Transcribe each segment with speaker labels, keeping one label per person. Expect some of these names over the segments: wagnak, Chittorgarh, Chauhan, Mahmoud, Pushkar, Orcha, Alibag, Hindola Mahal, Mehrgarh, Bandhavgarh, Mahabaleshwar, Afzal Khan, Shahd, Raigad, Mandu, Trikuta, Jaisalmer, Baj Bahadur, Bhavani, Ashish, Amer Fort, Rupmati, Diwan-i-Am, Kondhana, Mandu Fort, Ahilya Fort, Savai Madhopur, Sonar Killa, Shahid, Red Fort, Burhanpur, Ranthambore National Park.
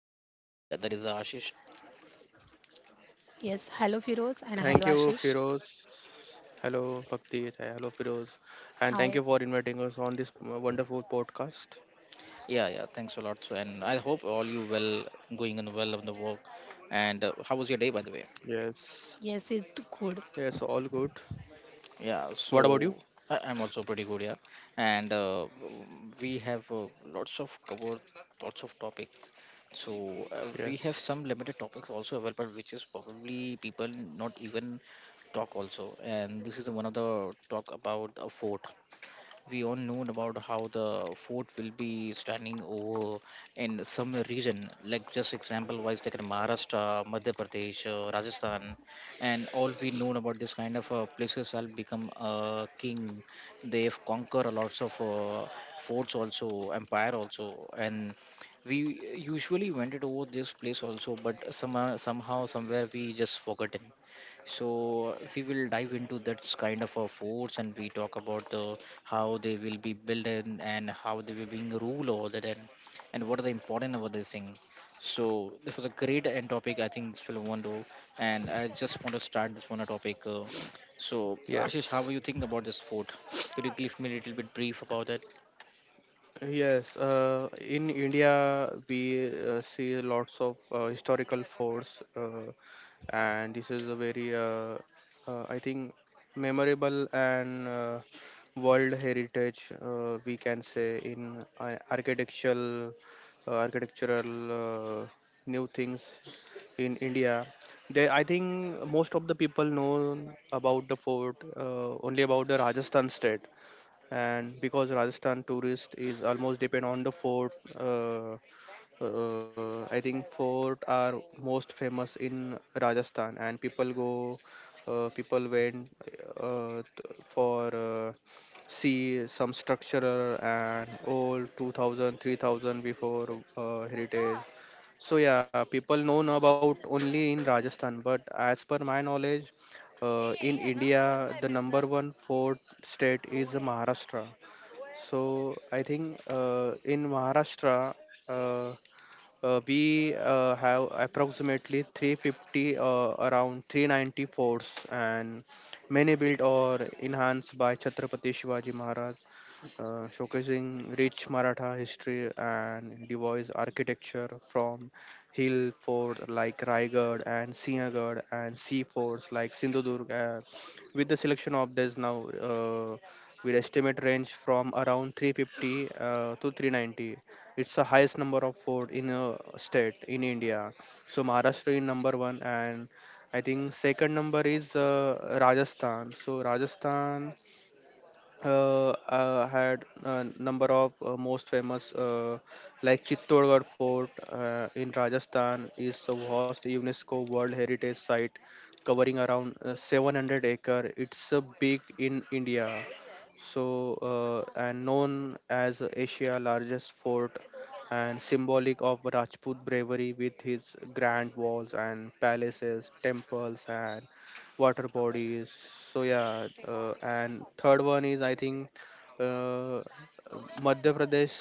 Speaker 1: One is the Bhakti, other is Ashish.
Speaker 2: Yes, hello Firoz and
Speaker 3: Thank
Speaker 2: hello
Speaker 3: you,
Speaker 2: Ashish.
Speaker 3: Firoz. Hello, Bhakti. Hello, Firoz. And thank you
Speaker 2: Hi.
Speaker 3: for inviting us on this wonderful podcast.
Speaker 1: Yeah, yeah, thanks a lot. So, and I hope all you well going and well on the work. And how was your day by the way?
Speaker 3: Yes.
Speaker 2: Yes, it's good.
Speaker 3: Yes, all good.
Speaker 1: Yeah,
Speaker 3: What about you?
Speaker 1: so I'm also pretty good, yeah. And we have lots of covered, lots of topic. So we have some
Speaker 3: Yes.
Speaker 1: limited topics also available, which is probably people not even talk also. And this is the one of the talk about a fort. We all know about how the fort will be standing over in some region, like just example wise, like in Maharashtra, Madhya Pradesh, Rajasthan, and all we know about this kind of places have become a king. They have conquered a lots of forts also, empire also, and we usually went it over this place also, but somehow somewhere we just forgotten. So we will dive into that kind of forts, and we talk about the how they will be built in and how they will being ruled over that, and what are the important over this thing. So this was a great end topic. I think this will wonderful, and I just want to start this one topic. So Ashish,
Speaker 3: Yes.
Speaker 1: how do you think about this food? Could you give me a little bit brief about that?
Speaker 3: Yes. In India, we see lots of historical forts. And this is a very, I think, memorable and world heritage we can say in architectural, architectural new things in India. They, I think most of the people know about the fort only about the Rajasthan state, and because Rajasthan tourist is almost depend on the fort. Uh, I think fort are most famous in Rajasthan, and people went for see some structure and old 2,000, 3,000 before heritage. So yeah, people known about only in Rajasthan, but as per my knowledge, in India, the number one fort state is Maharashtra. So I think in Maharashtra. We have approximately 350, around 390 forts, and many built or enhanced by Chhatrapati Shivaji Maharaj, showcasing rich Maratha history and device architecture from hill fort like Raigad and Sinhagad and sea forts like Sindhudurg. With the selection of this now, we estimate range from around 350 to 390. It's the highest number of fort in a state in India. So Maharashtra is number one, and I think second number is Rajasthan. So Rajasthan had a number of most famous, like Chittorgarh Fort in Rajasthan is a vast UNESCO World Heritage Site covering around 700 acre. It's a big in India. So and known as Asia largest fort and symbolic of Rajput bravery with his grand walls and palaces, temples and water bodies. So yeah, and third one is I think uh, Madhya Pradesh.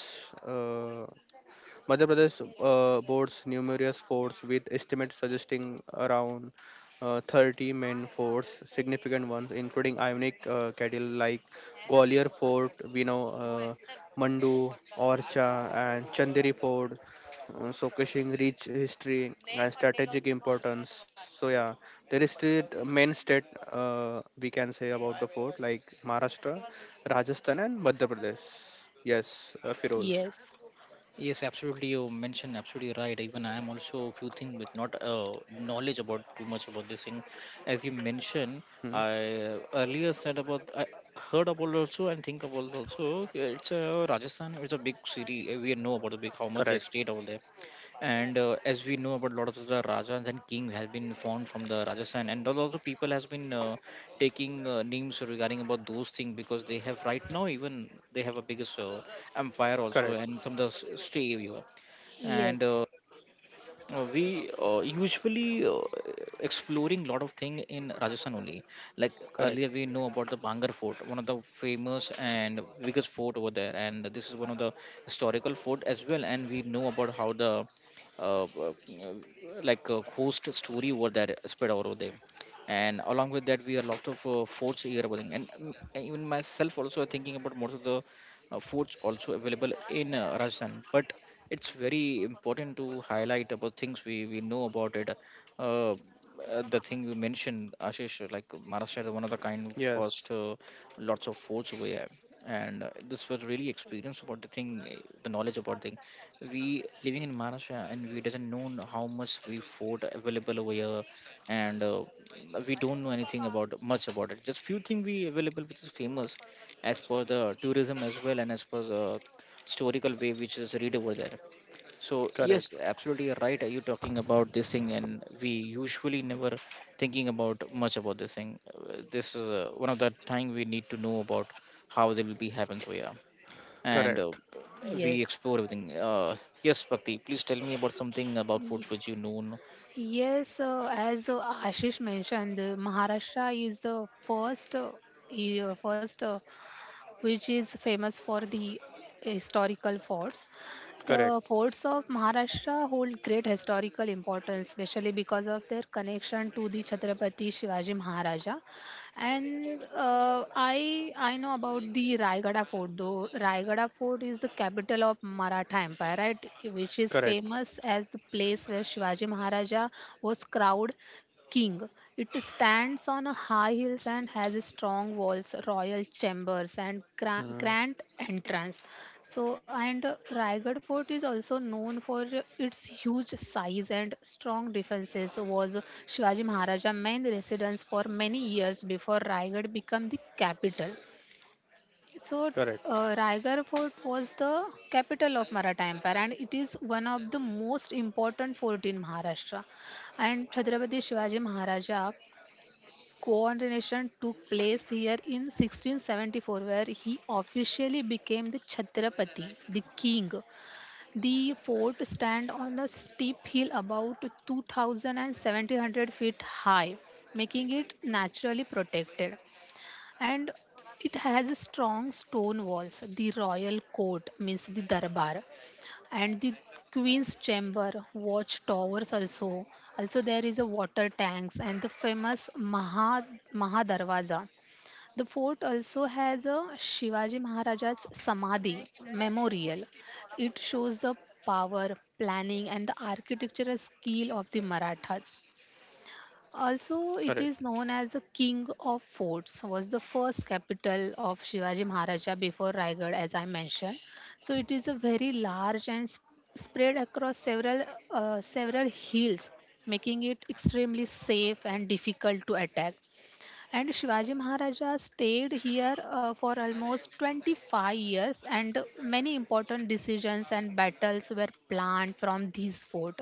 Speaker 3: Uh, Madhya Pradesh boasts numerous forts, with estimates suggesting around 30 main forts, significant ones, including iconic cattle like Gwalior Fort, we know, Mandu, Orcha, and Chanderi Fort. Kashing rich history and strategic importance. So, yeah, there is still main state we can say about the fort like Maharashtra, Rajasthan, and Madhya Pradesh. Yes, Firoz.
Speaker 2: Yes,
Speaker 1: Yes, absolutely. You mentioned absolutely right. Even I am also a few things, but not knowledge about too much about this thing. As you mentioned,
Speaker 3: Hmm.
Speaker 1: I earlier said about I heard about also and think about also. It's a Rajasthan. It's a big city. We know about the big how much they
Speaker 3: Correct.
Speaker 1: state over there, and as we know about a lot of the rajas and kings has been formed from the Rajasthan, and those also people has been taking names regarding about those things, because they have right now even they have a biggest empire also
Speaker 3: Correct.
Speaker 1: and some of the stay area. and
Speaker 2: yes,
Speaker 1: uh, uh, we uh, usually uh, exploring lot of thing in Rajasthan only. Like earlier,
Speaker 3: Correct.
Speaker 1: we know about the Bhangar Fort, one of the famous and biggest fort over there, and this is one of the historical fort as well. And we know about how the uh, uh, like ghost story over there spread all over there. And along with that, we are lot of forts here, over there. And even myself also thinking about most of the forts also available in Rajasthan. But it's very important to highlight about things we know about it. Uh, uh, the thing you mentioned, Ashish, like Maharashtra is one of the kind of
Speaker 3: Yes.
Speaker 1: first lots of forts we have, and this was really experience about the thing, eh, the knowledge about thing. We living in Maharashtra and we doesn't know how much we fort available over here, and we don't know anything about much about it. Just few thing we available which is famous as per the tourism as well and as per the historical way which is read over there. So yes,
Speaker 3: Correct.
Speaker 1: absolutely right. Are you talking about this thing? And we usually never thinking about much about this thing. This is one of the time we need to know about how they will be happen. So yeah, and
Speaker 3: Correct.
Speaker 1: we
Speaker 2: yes.
Speaker 1: explore everything. Yes, Bhakti, please tell me about something about food
Speaker 2: Ye-
Speaker 1: which you know.
Speaker 2: Yes, as Ashish mentioned, Maharashtra is the first e- uh, first uh, which is famous for the historical forts. The
Speaker 3: Correct.
Speaker 2: forts of Maharashtra hold great historical importance, especially because of their connection to the Chhatrapati Shivaji Maharaja. And I know about the Raigada Fort. Though Raigada Fort is the capital of Maratha Empire, right? Which is
Speaker 3: Correct.
Speaker 2: famous as the place where Shivaji Maharaja was crowned king. It stands on a high hills and has strong walls, royal chambers, and
Speaker 3: Mm.
Speaker 2: grand entrance. So, and Raigad Fort is also known for its huge size and strong defenses. Was Shivaji Maharaja main residence for many years before Raigad became the capital.
Speaker 3: Correct.
Speaker 2: So, Raigarh Fort was the capital of Maratha Empire and it is one of the most important fort in Maharashtra. And Chhatrapati Shivaji Maharaja coronation took place here in 1674, where he officially became the Chhatrapati, the king. The fort stand on a steep hill about 2,700 feet high, making it naturally protected. And it has strong stone walls. The royal court means the darbar and the queen's chamber watch towers also, also there is a water tanks and the famous maha maha darwaza. The fort also has a Shivaji Maharaja's samadhi memorial. It shows the power, planning and the architectural skill of the Marathas. Also, it
Speaker 3: Correct.
Speaker 2: is known as the king of forts, was the first capital of Shivaji Maharaja before Raigad, as I mentioned. So, it is a very large and spread across several hills, making it extremely safe and difficult to attack. And Shivaji Maharaja stayed here for almost 25 years, and many important decisions and battles were planned from this fort,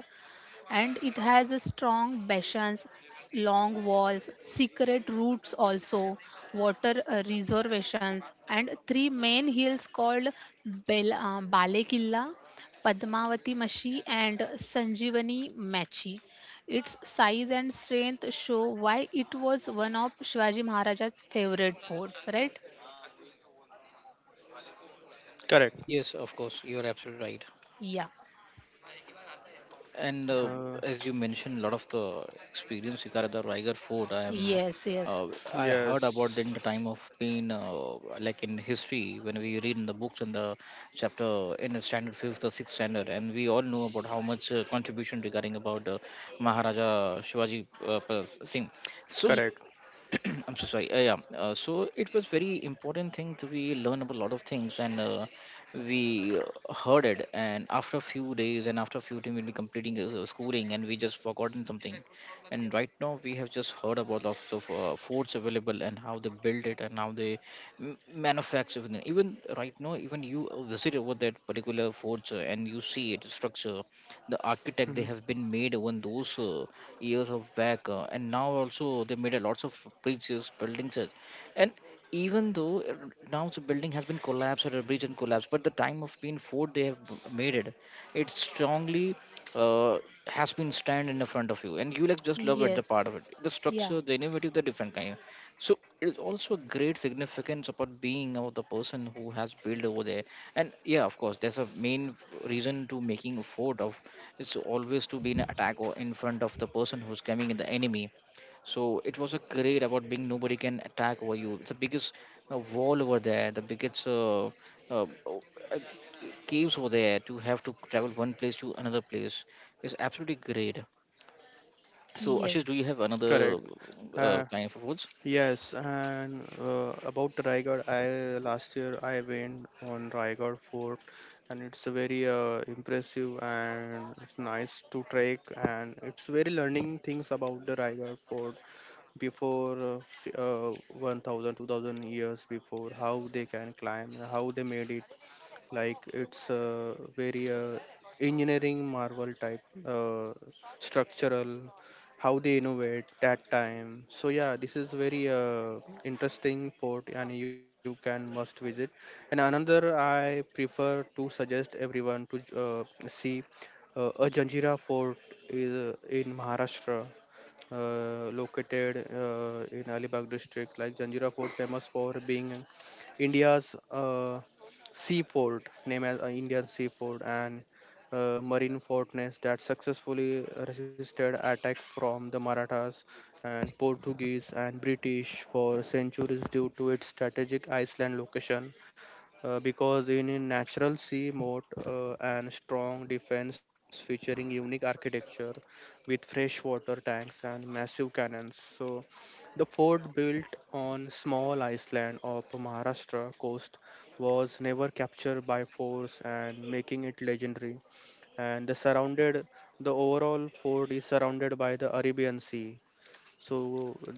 Speaker 2: and it has a strong bastions, long walls, secret routes also, water reservations, and three main hills called Bale Killa, Padmavati Mashi, and Sanjivani Machi. Its size and strength show why it was one of Shivaji Maharaja's favorite forts, right?
Speaker 3: Correct.
Speaker 1: Yes, of course, you're absolutely right.
Speaker 2: Yeah.
Speaker 1: And
Speaker 3: Uh,
Speaker 1: as you mentioned, a lot of the experience you got at the Riger Fort. I am,
Speaker 2: Yes, yes.
Speaker 1: uh, I heard about
Speaker 3: yes.
Speaker 1: in the time of pain, like in history, when we read in the books in the chapter in the standard fifth or sixth standard, and we all know about how much contribution regarding about Maharaja Shivaji Pal Singh. So
Speaker 2: Ye-
Speaker 3: Correct.
Speaker 1: I'm so sorry. Yeah. So it was very important thing to we learn about a lot of things, and we heard it. And after a few days, and after a few days, we'll be completing schooling, and we just forgotten something. And right now we have just heard about lots of forts available and how they build it and how they manufacture it. Even right now, even you visit over that particular forts and you see it structure, the architect they
Speaker 3: Mhm.
Speaker 1: have been made, even those years of back, and now also they made a lots of bridges, buildings, and even though now the building has been collapsed or a bridge and collapsed, but the time of being fort they have made it, it strongly uh, has been stand in the front of you, and you like just love it,
Speaker 2: Yes.
Speaker 1: the part of it, the
Speaker 2: Yeah.
Speaker 1: structure, the innovative, the different kind. So it is also a great significance about being of the person who has built over there. And yeah, of course, there's a main reason to making a fort of, it's always to be an attack or in front of the person who's coming in the enemy. So it was a great about being nobody can attack over you, it's the biggest wall over there, the biggest uh, o- uh, caves over there, to have to travel one place to another place. It's absolutely great. So Ashish,
Speaker 2: Yes.
Speaker 1: do you have
Speaker 3: Correct.
Speaker 1: another
Speaker 3: Uh,
Speaker 1: kind of words?
Speaker 3: yes, and about Raigad, I last year I went on Raigad Fort, and it's a very impressive and it's nice to trek, and it's very learning things about the Raigad Fort, before 1000 2000 years before how they can climb and how they made it, like it's a very engineering marvel type structural, how they innovate that time. So yeah, this is very interesting port and you can must visit. And another, I prefer to suggest everyone to see a Janjira fort, is in Maharashtra, located in Alibag district. Like Janjira Fort, famous for being India's seaport, named as Indian seaport, and marine fortress that successfully resisted attack from the Marathas and Portuguese and British for centuries due to its strategic island location, because in a natural sea moat and strong defense featuring unique architecture with freshwater tanks and massive cannons. So the fort built on small island of Maharashtra coast was never captured by force and making it legendary. And the overall fort is surrounded by the Arabian Sea. So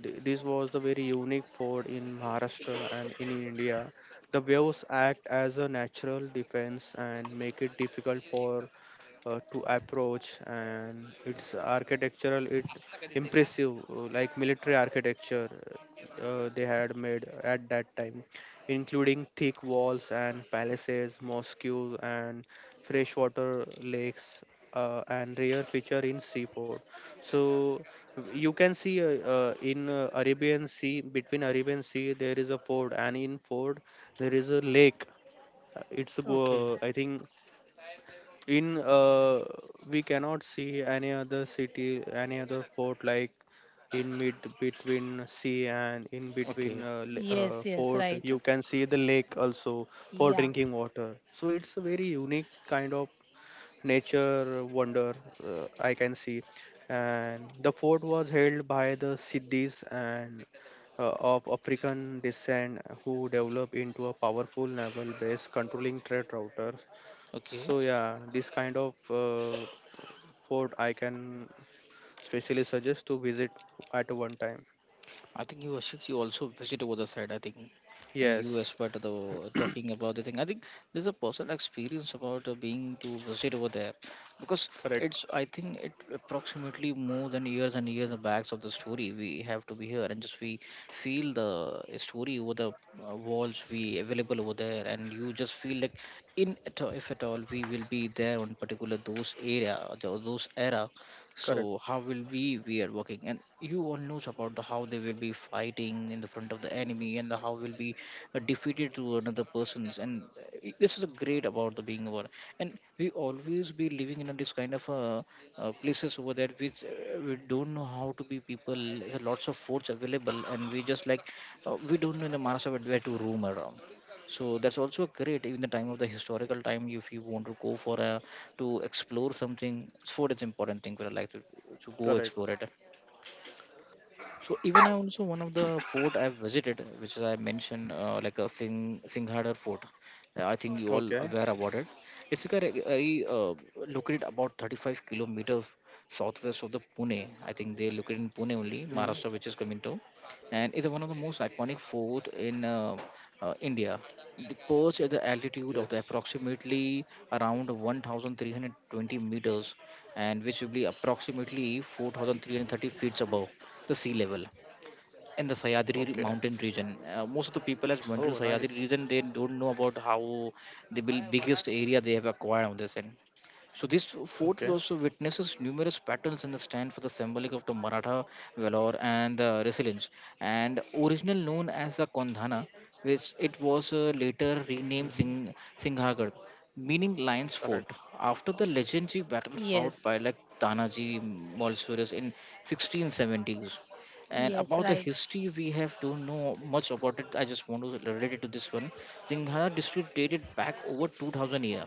Speaker 3: this was the very unique ford in Maharashtra and in India. The waves act as a natural defense and make it difficult for to approach. And its architectural it impressive, like military architecture they had made at that time, including thick walls and palaces, mosques, and freshwater lakes, and rare feature in seaport. So you can see in Arabian Sea, between Arabian Sea there is a ford, and in ford there is a lake. It's go
Speaker 1: Okay.
Speaker 3: I think in, uh, we cannot see any other city, any other fort like in mid between sea, and in between
Speaker 1: Okay,
Speaker 2: Yes, yes,
Speaker 3: fort
Speaker 2: right.
Speaker 3: you can see the lake also, for
Speaker 2: Yeah.
Speaker 3: drinking water. So it's a very unique kind of nature wonder I can see. And the fort was held by the Siddhis and of African descent who developed into a powerful naval base controlling trade routers.
Speaker 1: okay,
Speaker 3: So yeah, this kind of fort I can specially suggest to visit at one time.
Speaker 1: I think you, since you also visit over the side. I think, and you as
Speaker 3: Yes,
Speaker 1: part of the talking about the thing. I think there's a personal experience about being to visit over there, because
Speaker 3: correct,
Speaker 1: it's. I think it approximately more than years and years back of the story. We have to be here and just we feel the story over the walls we available over there, and you just feel like in if at all we will be there on particular those area or those era.
Speaker 3: correct,
Speaker 1: So how will we are working, and you all knows about the how they will be fighting in the front of the enemy, and the how will be defeated to another persons. And this is a great about the being over, and we always be living in a this kind of places over there which we don't know how to be people, there's lots of foods available, and we just like we don't know in the Maharashtra where to roam around. So that's also great. Even the time of the historical time, if you want to go for a to explore something, food is important thing for a life to go explore
Speaker 3: correct.
Speaker 1: it. So even I also one of the fort I've visited, which I mentioned, like a Singhadar Fort. I think you all
Speaker 3: Okay.
Speaker 1: aware about it. It's like a very located about 35 kilometers southwest of the Pune. I think they located in Pune
Speaker 3: Mm,
Speaker 1: only, Maharashtra, which is coming to, and it's one of the most iconic fort in India. The perch at the altitude of
Speaker 3: yes.
Speaker 1: the approximately around 1,320 meters, and which will be approximately 4,330 feet above the sea level in the
Speaker 3: Okay.
Speaker 1: Sayadri mountain region. Most of the people has
Speaker 3: Oh,
Speaker 1: went to Sayadri
Speaker 3: nice.
Speaker 1: region. They don't know about how the biggest area they have acquired on this. And so this fort
Speaker 3: Okay.
Speaker 1: also witnesses numerous battles and stand for the symbolic of the Maratha valor and the resilience. And original known as the Kondhana, which it was later renamed
Speaker 3: Mhm,
Speaker 1: Singhagarh, meaning Lion's Fort.
Speaker 3: correct.
Speaker 1: After the legendary battle fought
Speaker 2: Yes,
Speaker 1: by like Tanaji Malsuris in 1670s. And
Speaker 2: yes,
Speaker 1: about the
Speaker 2: right.
Speaker 1: history, we have don't know much about it. I just want to relate it to this one. Singhara district dated back over 2000 years.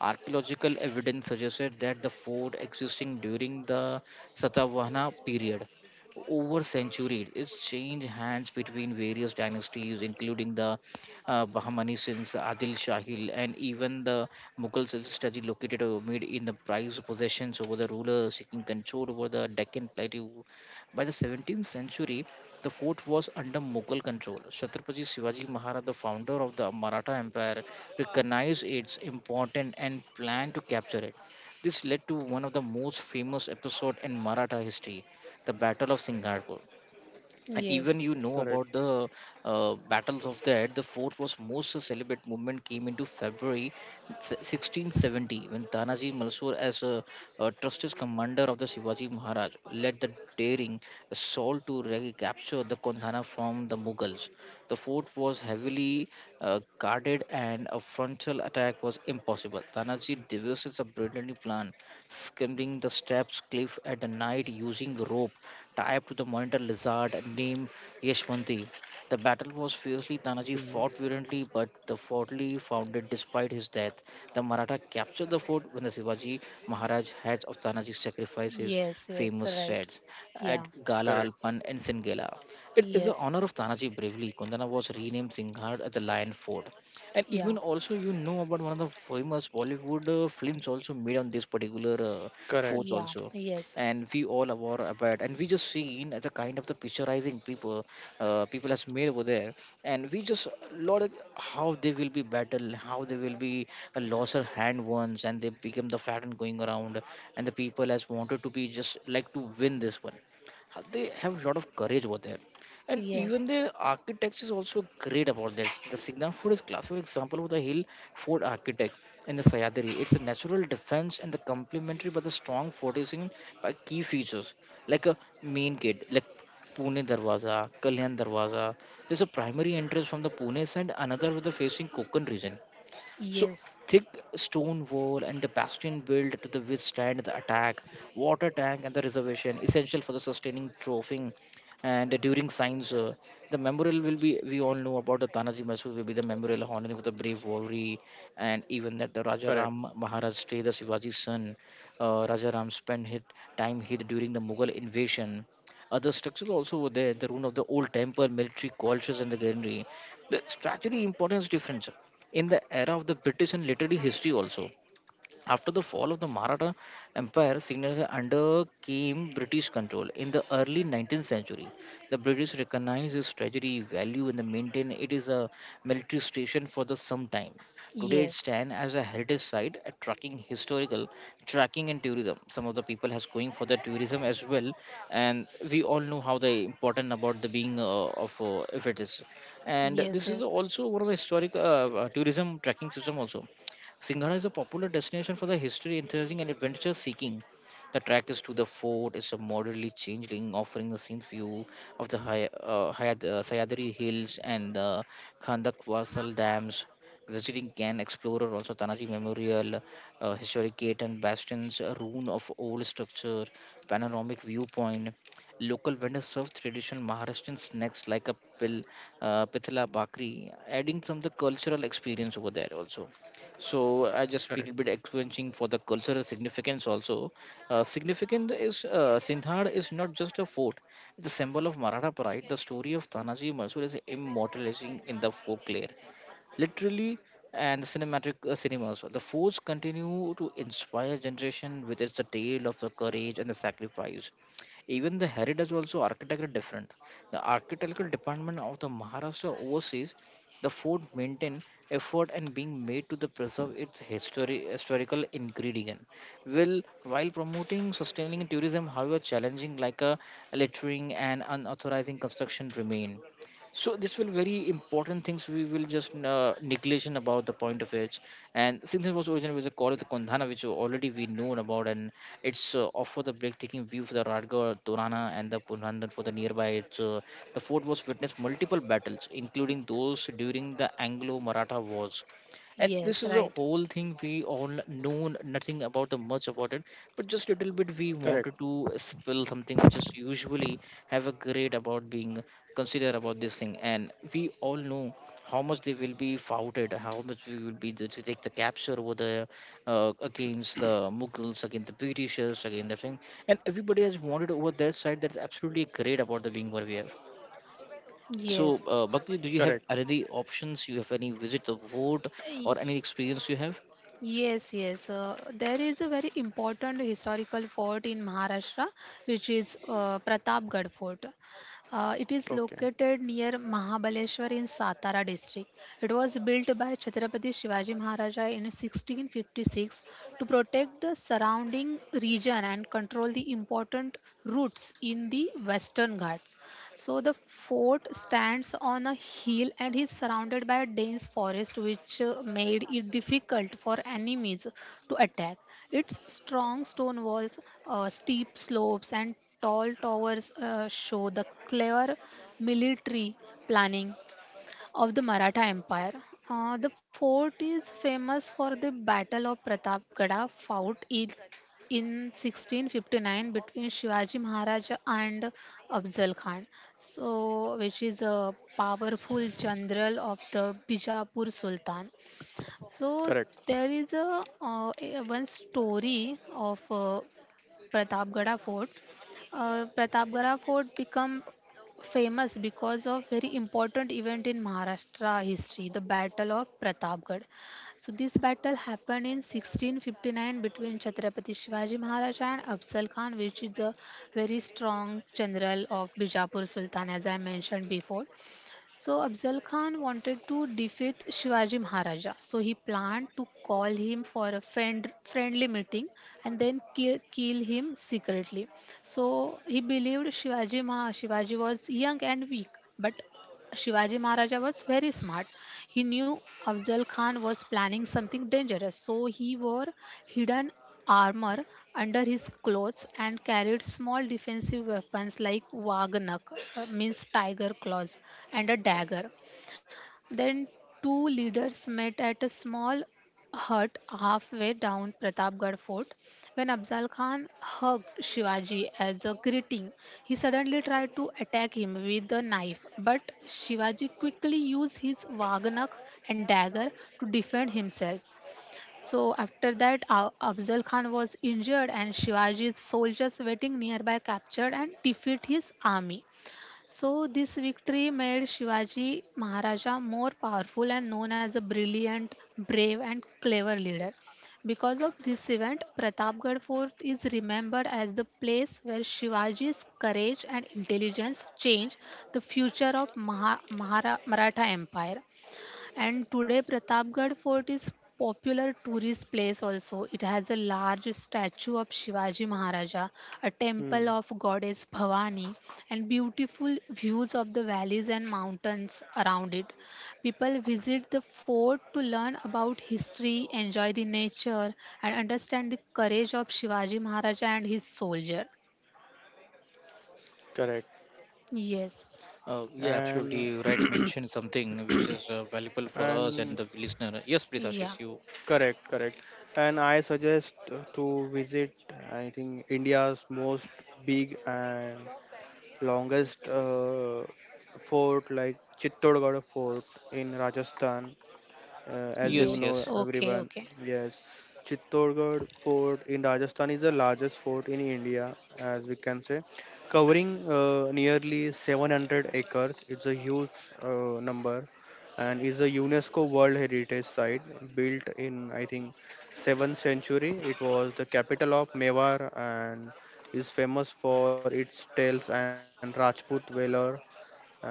Speaker 1: Archaeological evidence suggested that the fort existing during the Satavahana period. Over centuries, it's changed hands between various dynasties, including the Bahmani, since Adil Shahil, and even the Mughal strategy located amid in the prized possessions over the ruler seeking control over the Deccan plateau. By the 17th century, the fort was under Mughal control. Chhatrapati Shivaji Maharaj, the founder of the Maratha Empire, recognize its importance and plan to capture it. This led to one of the most famous episodes in Maratha history, the Battle of Singapore, and
Speaker 2: Yes,
Speaker 1: even you know
Speaker 3: Correct.
Speaker 1: about the battles of that. The fourth was most celibate movement came into February 1670 when Tanaji Malsur as a trusted commander of the Shivaji Maharaj led the daring assault to recapture the Kondhana from the Mughals. The fort was heavily guarded and a frontal attack was impossible. Tanaji devises a brilliant plan, scaling the steps cliff at the night using rope tied to the monitor lizard named Yashwanti. The battle was fiercely. Tanaji
Speaker 3: Mm-hmm.
Speaker 1: fought valiantly, but the fortly founded despite his death. The Maratha captured the fort when the Shivaji Maharaj heads of Tanaji sacrificed his
Speaker 2: yes, yes,
Speaker 1: famous
Speaker 2: right.
Speaker 1: shreds
Speaker 2: Yeah,
Speaker 1: at Gala
Speaker 3: Correct,
Speaker 1: Alpan and Singela. It is the
Speaker 2: yes,
Speaker 1: honor of Tanaji bravely. Kundana was renamed Singhad at the Lion Fort. And
Speaker 2: yeah,
Speaker 1: even also, you know about one of the famous Bollywood films also made on this particular forts
Speaker 2: yeah,
Speaker 3: correct,
Speaker 1: also,
Speaker 2: yes,
Speaker 1: and we all aware about, and we just seen the kind of the picturizing people, people has made over there, and we just lot of how they will be battle, how they will be a lost her hand once, and they become the pattern going around, and the people has wanted to be just like to win this one. They have a lot of courage over there, and
Speaker 2: yes,
Speaker 1: even the architects is also great about that. The signal fort is class for example with the hill fort architect in the Sayadri. It's a natural defense and the complementary but the strong fortification by key features like a main gate like Pune Darwaza, Kalyan Darwaza. There's a primary entrance from the Pune side, another with the facing Konkan region. So
Speaker 2: yes,
Speaker 1: thick stone wall and the bastion built to the withstand the attack, water tank and the reservation essential for the sustaining trophy, and during signs the memorial will be. We all know about the Tanaji Masood will be the memorial honoring for the brave warrior, and even that the Raja Ram
Speaker 3: correct,
Speaker 1: Maharaj stay the Shivaji's son. Raja Ram spent his time here during the Mughal invasion. Other structures also were there, the ruin of the old temple, military quarters, and the gallery, the strategy importance difference in the era of the British and literary history also. After the fall of the Maratha Empire, Srinagar under came British control. In the early 19th century, the British recognized its treasury value and maintained it as a military station for the some time. Today, it
Speaker 2: yes,
Speaker 1: stands as a heritage site, attracting historical tracking and tourism. Some of the people has going for the tourism as well, and we all know how the important about the being of if it is, and
Speaker 2: yes,
Speaker 1: this is
Speaker 2: yes,
Speaker 1: also one of the historic tourism tracking system also. Singhana is a popular destination for the history enthusiasm and adventure seeking. The track is to the fort is a moderately changeling, offering the same view of the Sayadri Hills and the Khandakwasal Dams. Visiting can explore also Tanaji Memorial, historic gate and bastions, a ruin of old structure, panoramic viewpoint. Local vendors serve traditional Maharashtrian snacks like a pithala bakri, adding some of the cultural experience over there also. So I just little bit
Speaker 3: correct,
Speaker 1: explaining for the cultural significance also. Significant is, Sinhad is not just a fort, it's a symbol of Maratha pride. The story of Tanaji Mansur is immortalizing in the folklore, literally, and the cinematic cinemas. The force continue to inspire generation with its tale of the courage and the sacrifice, even the heritage also architecture different. The architectural department of the Maharashtra oversees the fort maintain effort, and being made to the preserve its history historical ingredient will while promoting sustaining tourism. However, challenging like a littering and unauthorized construction remain. So this will very important things we will just neglection about the point of it. And since it was originally was a call of the Kondhana, which already we known about, and it's offer the breathtaking view for the Radgar, Durana, and the Punhandan for the nearby. It's the fort was witnessed multiple battles, including those during the Anglo-Maratha wars. And this
Speaker 2: yes,
Speaker 1: is a
Speaker 2: right.
Speaker 1: whole thing we all know nothing about the much about it, but just little bit we
Speaker 3: correct,
Speaker 1: wanted to spill something which is usually have a grade about being considered about this thing. And we all know how much they will be fouted, how much we will be to take the capture over the against the Mughals, against the Britishers, against the thing, and everybody has wanted over their side. That's absolutely great about the being what we have. So,
Speaker 2: Yes,
Speaker 1: Bhakti, do you
Speaker 3: correct.
Speaker 1: have any options? You have any visit the vote or any experience you have?
Speaker 2: yes, yes. There is a very important historical fort in Maharashtra, which is Pratapgarh Fort. It is
Speaker 3: Okay,
Speaker 2: located near Mahabaleshwar in Satara district. It was built by Chhatrapati Shivaji Maharaja in 1656 to protect the surrounding region and control the important routes in the Western Ghats. So the fort stands on a hill and is surrounded by a dense forest, which made it difficult for enemies to attack. Its strong stone walls, steep slopes, and tall towers show the clear military planning of the Maratha Empire. The fort is famous for the Battle of Pratapgada fought in 1659 between Shivaji Maharaja and Afzal Khan, so which is a powerful general of the Bijapur Sultan. So
Speaker 3: correct.
Speaker 2: there is a one story of Pratapgada Fort. Pratapgada Fort became famous because of very important event in Maharashtra history, the Battle of Pratapgarh. So this battle happened in 1659 between Chhatrapati Shivaji Maharaj and Afzal Khan, which is a very strong general of Bijapur Sultan, as I mentioned before. So Afzal Khan wanted to defeat Shivaji Maharaja. So he planned to call him for a friend, friendly meeting and then kill him secretly. So he believed Shivaji was young and weak, but Shivaji Maharaja was very smart. He knew Afzal Khan was planning something dangerous, so he wore hidden armor under his clothes and carried small defensive weapons like wagnak, means tiger claws, and a dagger. Then two leaders met at a small hut halfway down Pratapgarh fort. When Afzal Khan hugged Shivaji as a greeting, he suddenly tried to attack him with a knife, but Shivaji quickly used his waganak and dagger to defend himself. So after that, Afzal Khan was injured, and Shivaji's soldiers waiting nearby captured and defeat his army. So, this victory made Shivaji Maharaja more powerful and known as a brilliant, brave, and clever leader. Because of this event, Pratapgarh Fort is remembered as the place where Shivaji's courage and intelligence changed the future of Maratha Empire. And today Pratapgarh Fort is popular tourist place also. It has a large statue of Shivaji Maharaja, a temple
Speaker 3: Hmm,
Speaker 2: of goddess Bhavani, and beautiful views of the valleys and mountains around it. People visit the fort to learn about history, enjoy the nature, and understand the courage of Shivaji Maharaja and his soldier.
Speaker 3: correct.
Speaker 2: Yes.
Speaker 1: Yeah, absolutely.
Speaker 3: And
Speaker 1: You right mentioned something which is valuable for us and
Speaker 3: and
Speaker 1: the listener. Yes, please,
Speaker 2: Yeah.
Speaker 1: Ashish. You.
Speaker 3: correct, correct. And I suggest to visit, I think, India's most big and longest fort, like Chittorgarh Fort in Rajasthan. As you
Speaker 1: Yes,
Speaker 3: know,
Speaker 2: Yes.
Speaker 1: yes,
Speaker 2: Okay.
Speaker 3: everyone,
Speaker 2: Okay.
Speaker 3: yes, Chittorgarh Fort in Rajasthan is the largest fort in India, as we can say, covering nearly 700 acres. It's a huge number and is a UNESCO World Heritage Site built in, I think, 7th century. It was the capital of Mewar and is famous for its tales and Rajput valor and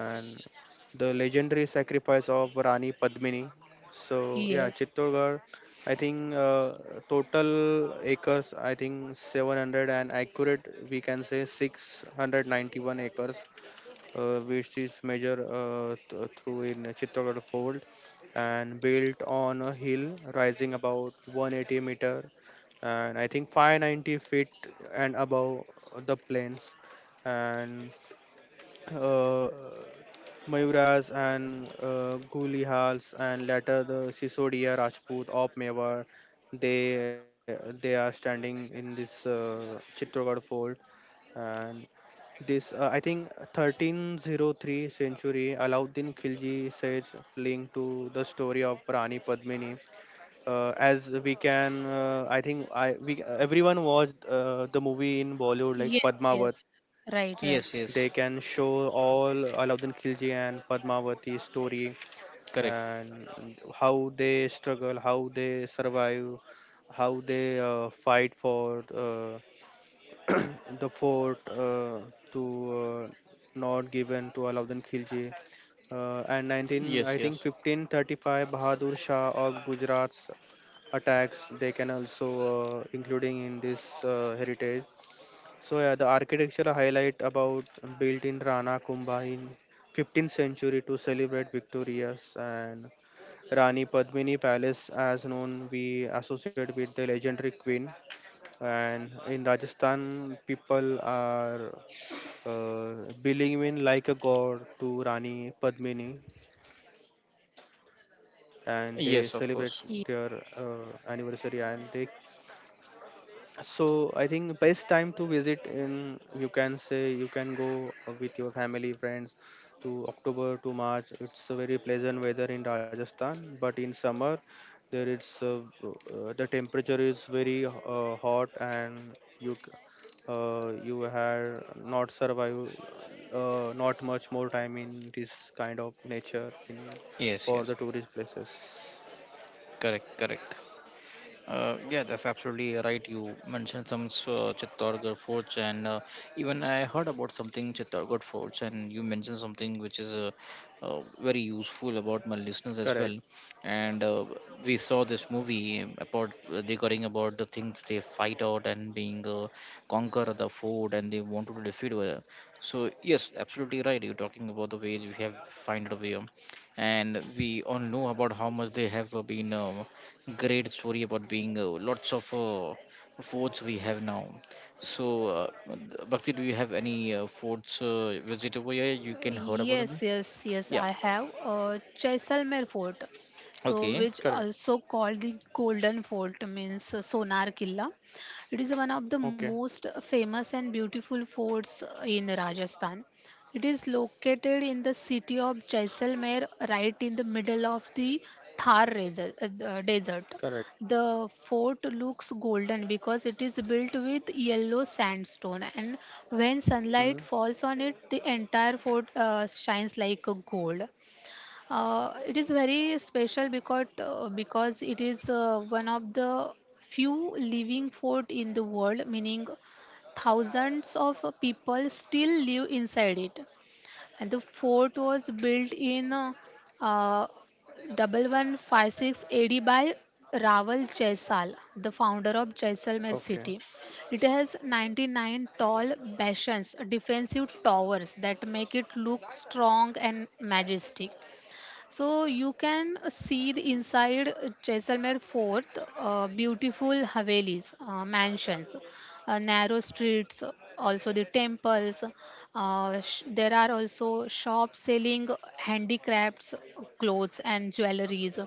Speaker 3: the legendary sacrifice of Rani Padmini. So yeah,
Speaker 2: Yes.
Speaker 3: Chittorgarh, I think total acres, I think 700, and accurate we can say 691 acres, which is measured through in Chittorgarh fold, and built on a hill rising about 180 meter, and I think 590 feet, and above the plains, and uh, Mayuras and Gulihals and later the Sisodia Rajput of Mewar. They are standing in this Chitragarh fort. And this, I think 1303 century Alauddin Khilji says linked to the story of Rani Padmini. As we can, I think I we everyone watched the movie in Bollywood
Speaker 2: Yes.
Speaker 3: like
Speaker 2: Yes.
Speaker 3: Padmavat,
Speaker 2: Right.
Speaker 3: they
Speaker 2: Right.
Speaker 3: can
Speaker 1: yes,
Speaker 3: show
Speaker 1: yes.
Speaker 3: all Alauddin Khilji and Padmavati story,
Speaker 1: Correct.
Speaker 3: and how they struggle, how they survive, how they fight for the fort to not given to Alauddin Khilji. And 19, I
Speaker 1: Yes,
Speaker 3: think
Speaker 1: yes,
Speaker 3: 1535, Bahadur Shah of Gujarat's attacks they can also including in this heritage. So yeah, the architecture highlight about built in Rana Kumbha in 15th century to celebrate victorious, and Rani Padmini Palace as known we associate with the legendary queen. And in Rajasthan people are uh, believing in like a god to Rani Padmini, and they celebrate their
Speaker 1: yes. Of course.
Speaker 3: anniversary, and they, so I think best time to visit in, you can say you can go with your family friends, to October to March. It's a very pleasant weather in Rajasthan, but in summer there it's the temperature is very hot, and you have not survive not much more time in this kind of nature in
Speaker 1: Yes,
Speaker 3: for
Speaker 1: yes.
Speaker 3: the tourist places.
Speaker 1: Correct, correct. Yeah, that's absolutely right. You mentioned some Chittorgarh forts, and even I heard about something Chittorgarh forts, and you mentioned something which is very useful about my listeners as well.
Speaker 3: Correct.
Speaker 1: And we saw this movie about regarding about the things they fight out and being conquer the fort, and they wanted to defeat. So yes, absolutely right. You're talking about the way we have find a way, and we all know about how much they have been. Great story about being lots of forts we have now. So, uh, Bhakti, do you have any forts visit over here you can heard about
Speaker 2: Yes,
Speaker 1: something?
Speaker 2: yes, yes,
Speaker 1: Yeah.
Speaker 2: I have Jaisalmer Fort, so
Speaker 1: Okay.
Speaker 2: which
Speaker 3: Correct.
Speaker 2: also called the Golden Fort means Sonar Killa. It is one of the
Speaker 3: Okay.
Speaker 2: most famous and beautiful forts in Rajasthan. It is located in the city of Jaisalmer, right in the middle of the Thar reser- the desert.
Speaker 3: Correct.
Speaker 2: The fort looks golden because it is built with yellow sandstone, and when sunlight
Speaker 3: Mm.
Speaker 2: falls on it, the entire fort shines like a gold. It is very special because it is one of the few living fort in the world, meaning thousands of people still live inside it, and the fort was built in uh, 1156 AD by Raval Jaisal, the founder of Jaisalmer
Speaker 3: Okay.
Speaker 2: city. It has 99 tall bastions, defensive towers that make it look strong and majestic. So you can see the inside Jaisalmer Fort, beautiful Havelis, mansions, narrow streets, also the temples. There are also shops selling handicrafts, clothes and jewelries,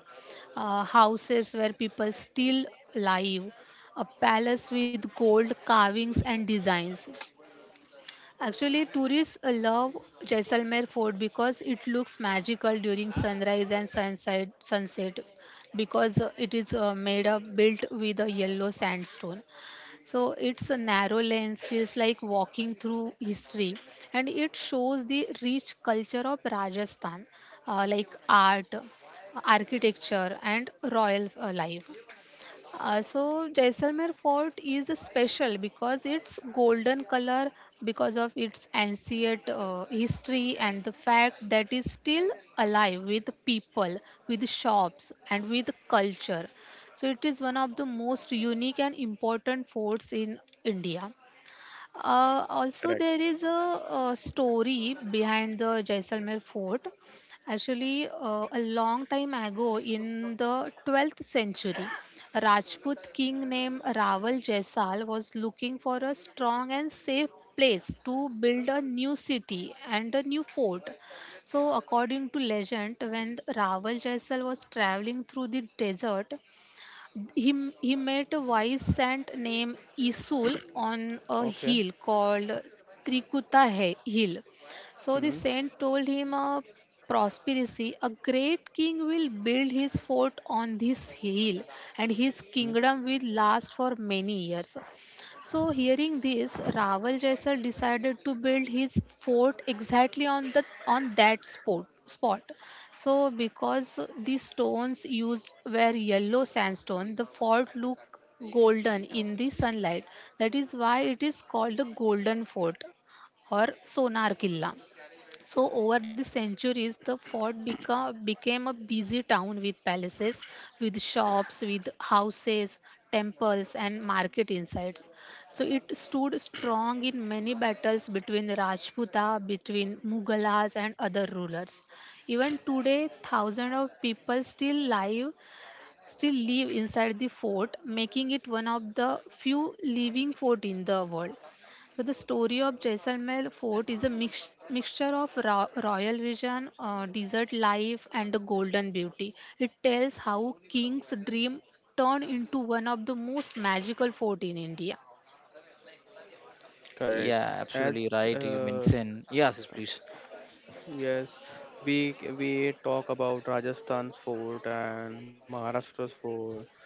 Speaker 2: houses where people still live, a palace with gold carvings and designs. Actually, tourists love Jaisalmer Fort because it looks magical during sunrise and sunset. Sunset, because it is made up built with a yellow sandstone. So it's a narrow lens feels like walking through history, and it shows the rich culture of Rajasthan, like art, architecture, and royal life. So Jaisalmer fort is special because its golden color, because of its ancient history and the fact that it's still alive with people, with shops and with culture. So it is one of the most unique and important forts in India. Also, there
Speaker 3: Correct.
Speaker 2: is a story behind the Jaisalmer fort. Actually, a long time ago in the 12th century, a Rajput king named Raval Jaisal was looking for a strong and safe place to build a new city and a new fort. So, according to legend, when Raval Jaisal was traveling through the desert, he met a wise saint named Isul on a hill
Speaker 3: Okay.
Speaker 2: called Hill. So the
Speaker 3: Hmm.
Speaker 2: saint told him a prosperity, a great king will build his fort on this hill and his
Speaker 3: Hmm,
Speaker 2: kingdom will last for many years. So, hearing this, Raval Jaisal decided to build his fort exactly on the on that spot. So, because the stones used were yellow sandstone, the fort looked golden in the sunlight. That is why it is called the Golden Fort or Sonar Killa. So, over the centuries, the fort became a busy town with palaces, with shops, with houses, temples, and market insights. So, it stood strong in many battles between Rajputa, between Mughalas, and other rulers. Even today, thousands of people still live inside the fort, making it one of the few living fort in the world. So the story of Jaisalmer Fort is a mixture of royal vision, desert life, and the golden beauty. It tells how king's dream turned into one of the most magical fort in India.
Speaker 1: Yeah,
Speaker 3: correct.
Speaker 1: absolutely
Speaker 3: As
Speaker 1: right. You mentioned. Yes, yes, please.
Speaker 3: yes, we talk about Rajasthan's food and Maharashtra's food,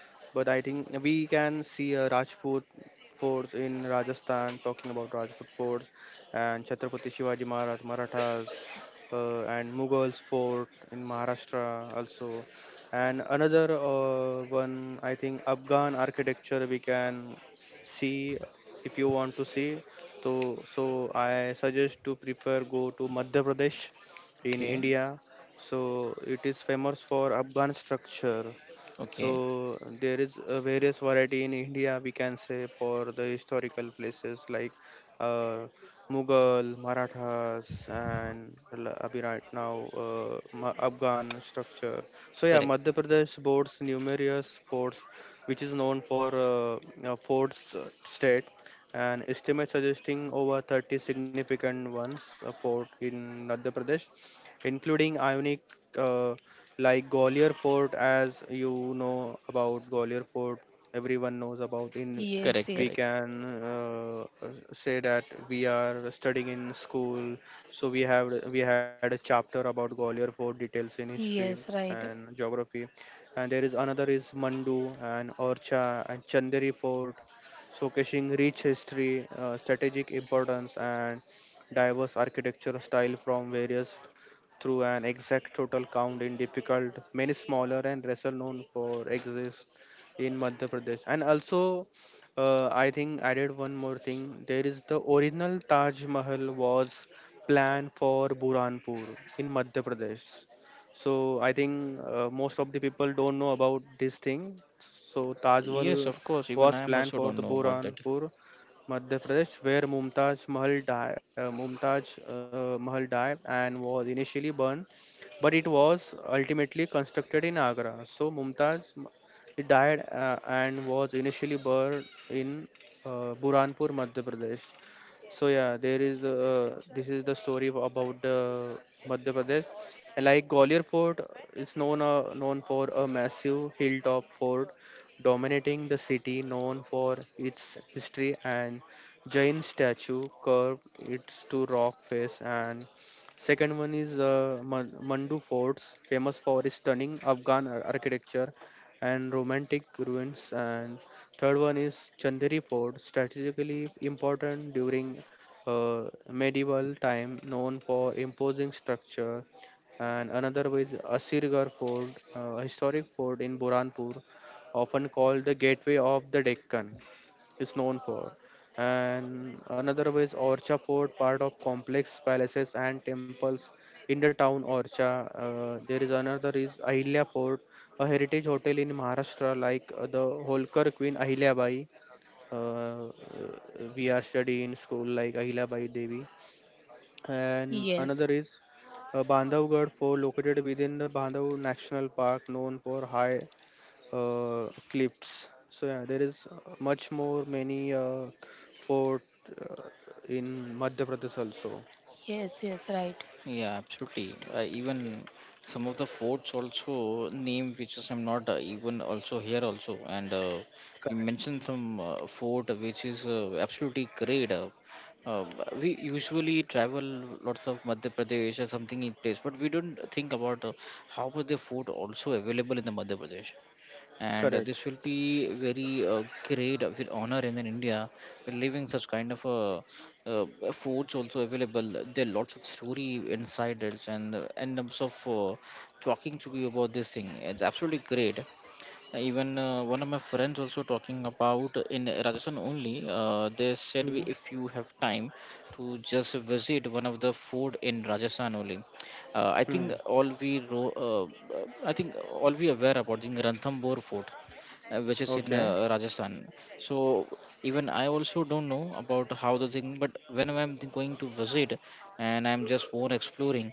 Speaker 3: but I think we can see Rajput forts in Rajasthan, talking about Rajput forts and Chhatrapati Shivaji Maharaj, Marathas, and Mughals fort in Maharashtra also. And another one, I think Afghan architecture we can see if you want to see. So I suggest to prepare go to Madhya Pradesh in
Speaker 1: Okay.
Speaker 3: India. So it is famous for Afghan structure.
Speaker 1: Okay.
Speaker 3: So there is a various variety in India we can say for the historical places like uh, Mughal, Marathas, and abhi right now Afghan structure. So yeah,
Speaker 1: Correct.
Speaker 3: Madhya Pradesh boasts numerous forts, which is known for forts state, and estimates suggesting over 30 significant ones fort in Madhya Pradesh, including Ionic. Uh, like Gwalior Fort, as you know about Gwalior Fort, everyone knows about. In
Speaker 2: Yes,
Speaker 1: Correct.
Speaker 3: we
Speaker 1: Correct.
Speaker 2: yes,
Speaker 3: can say that we are studying in school, so we had a chapter about Gwalior Fort details in history
Speaker 2: yes, right.
Speaker 3: and geography, and there is another is Mandu and Orcha and Chanderi Fort, showcasing rich history, strategic importance, and diverse architecture style from various through an exact total count in difficult many smaller and lesser known for exist in Madhya Pradesh. And also, I think added one more thing, there is the original Taj Mahal was planned for Burhanpur in Madhya Pradesh. So I think most of the people don't know about this thing. So Taj Mahal
Speaker 1: Yes, of course. Even
Speaker 3: was
Speaker 1: I am
Speaker 3: planned
Speaker 1: also
Speaker 3: for
Speaker 1: don't
Speaker 3: the
Speaker 1: know about that.
Speaker 3: Burhanpur, Madhya Pradesh, where Mumtaz Mahal died, Mumtaz Mahal died and was initially burned, but it was ultimately constructed in Agra. So he died and was initially burned in Burhanpur, Madhya Pradesh. So yeah, there is this is the story of- about the Madhya Pradesh. And like Gwalior Fort is known known for a massive hilltop fort dominating the city, known for its history and Jain statue curved its to rock face. And second one is Mandu forts, famous for its stunning architecture and romantic ruins. And third one is Chanderi fort, strategically important during medieval time, known for imposing structure. And another was Asirgarh Fort, historic fort in Burhanpur, often called the Gateway of the Deccan, is known for. And another way is Orcha Fort, part of complex palaces and temples in the town Orcha. There is another is Ahilya Fort, a heritage hotel in Maharashtra, like the Holkar Queen Ahilyabai. Uh, uh, we are studying in school like Ahilyabai Devi. And another
Speaker 2: Yes,
Speaker 3: is Bandhavgarh Fort, located within the Bandhav National Park, known for high clips. So yeah, there is much more many fort uh, in Madhya Pradesh also.
Speaker 2: yes, yes, right.
Speaker 1: Yeah, absolutely. Even some of the forts also name which is I'm not even also here also. And you
Speaker 3: Correct.
Speaker 1: mentioned some fort which is absolutely great. Uh, we usually travel lots of Madhya Pradesh or something in place, but we don't think about how was the fort also available in the Madhya Pradesh, and
Speaker 3: Correct.
Speaker 1: this will be very great will honor in India. We're living such kind of uh, foods also available. There are lots of story inside it, and in terms of talking to you about this thing, it's absolutely great. Even one of my friends also talking about in Rajasthan only, they said
Speaker 3: Hmm.
Speaker 1: we, if you have time to just visit one of the fort in Rajasthan only. I
Speaker 3: Hmm.
Speaker 1: think all we I think all we aware about the Ranthambore fort, which is in
Speaker 3: Okay.
Speaker 1: Rajasthan. So even I also don't know about how the thing, but when I'm going to visit, and I'm just more exploring,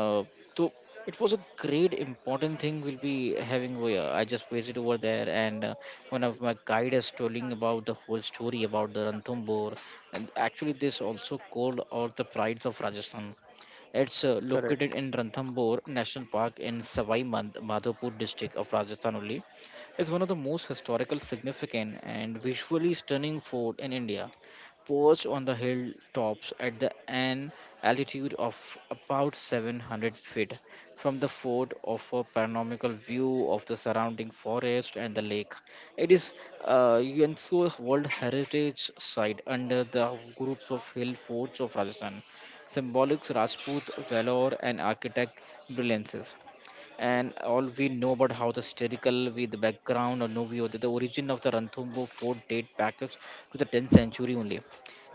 Speaker 1: uh, so it was a great important thing we'll be having over here. I just visited over there, and one of my guide is telling about the whole story about the Ranthambore, and actually this also called all the prides of Rajasthan. It's
Speaker 3: Correct.
Speaker 1: located in Ranthambore National Park in Savai Madhopur district of Rajasthan only. It's one of the most historical significant and visually stunning fort in India, perched on the hilltops at the, an altitude of about 700 feet. From the fort, offer a panoramical view of the surrounding forest and the lake. It is UNESCO World Heritage Site under the groups of hill forts of Rajasthan. Symbolics Rajput valor and architect brilliances, and all we know about how the historical with the background or Novio, the origin of the Ranthambore fort date back to the 10th century only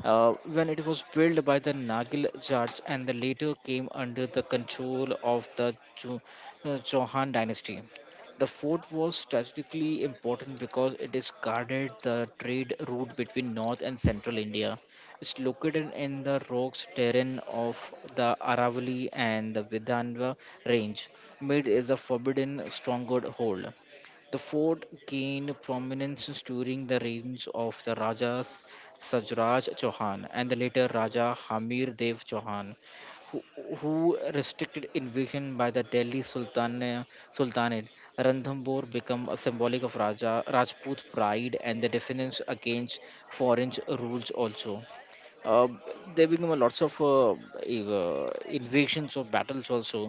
Speaker 1: when it was built by the Nagil Jats and the later came under the control of the Chauhan dynasty. The fort was strategically important because it is guarded the trade route between north and central India. It's located in the rocks terrain of the Aravalli and the Vidhanva range, made is the forbidden stronghold. The fort gained prominence during the reigns of the Rajas Sajraj Chauhan and the later Raja Hamir Dev Chauhan, who, who restricted invasion by the Sultanate. Ranthambore became a symbolic of Rajput pride and the defense against foreign rules also. uh, there become a lots of invasions or battles also.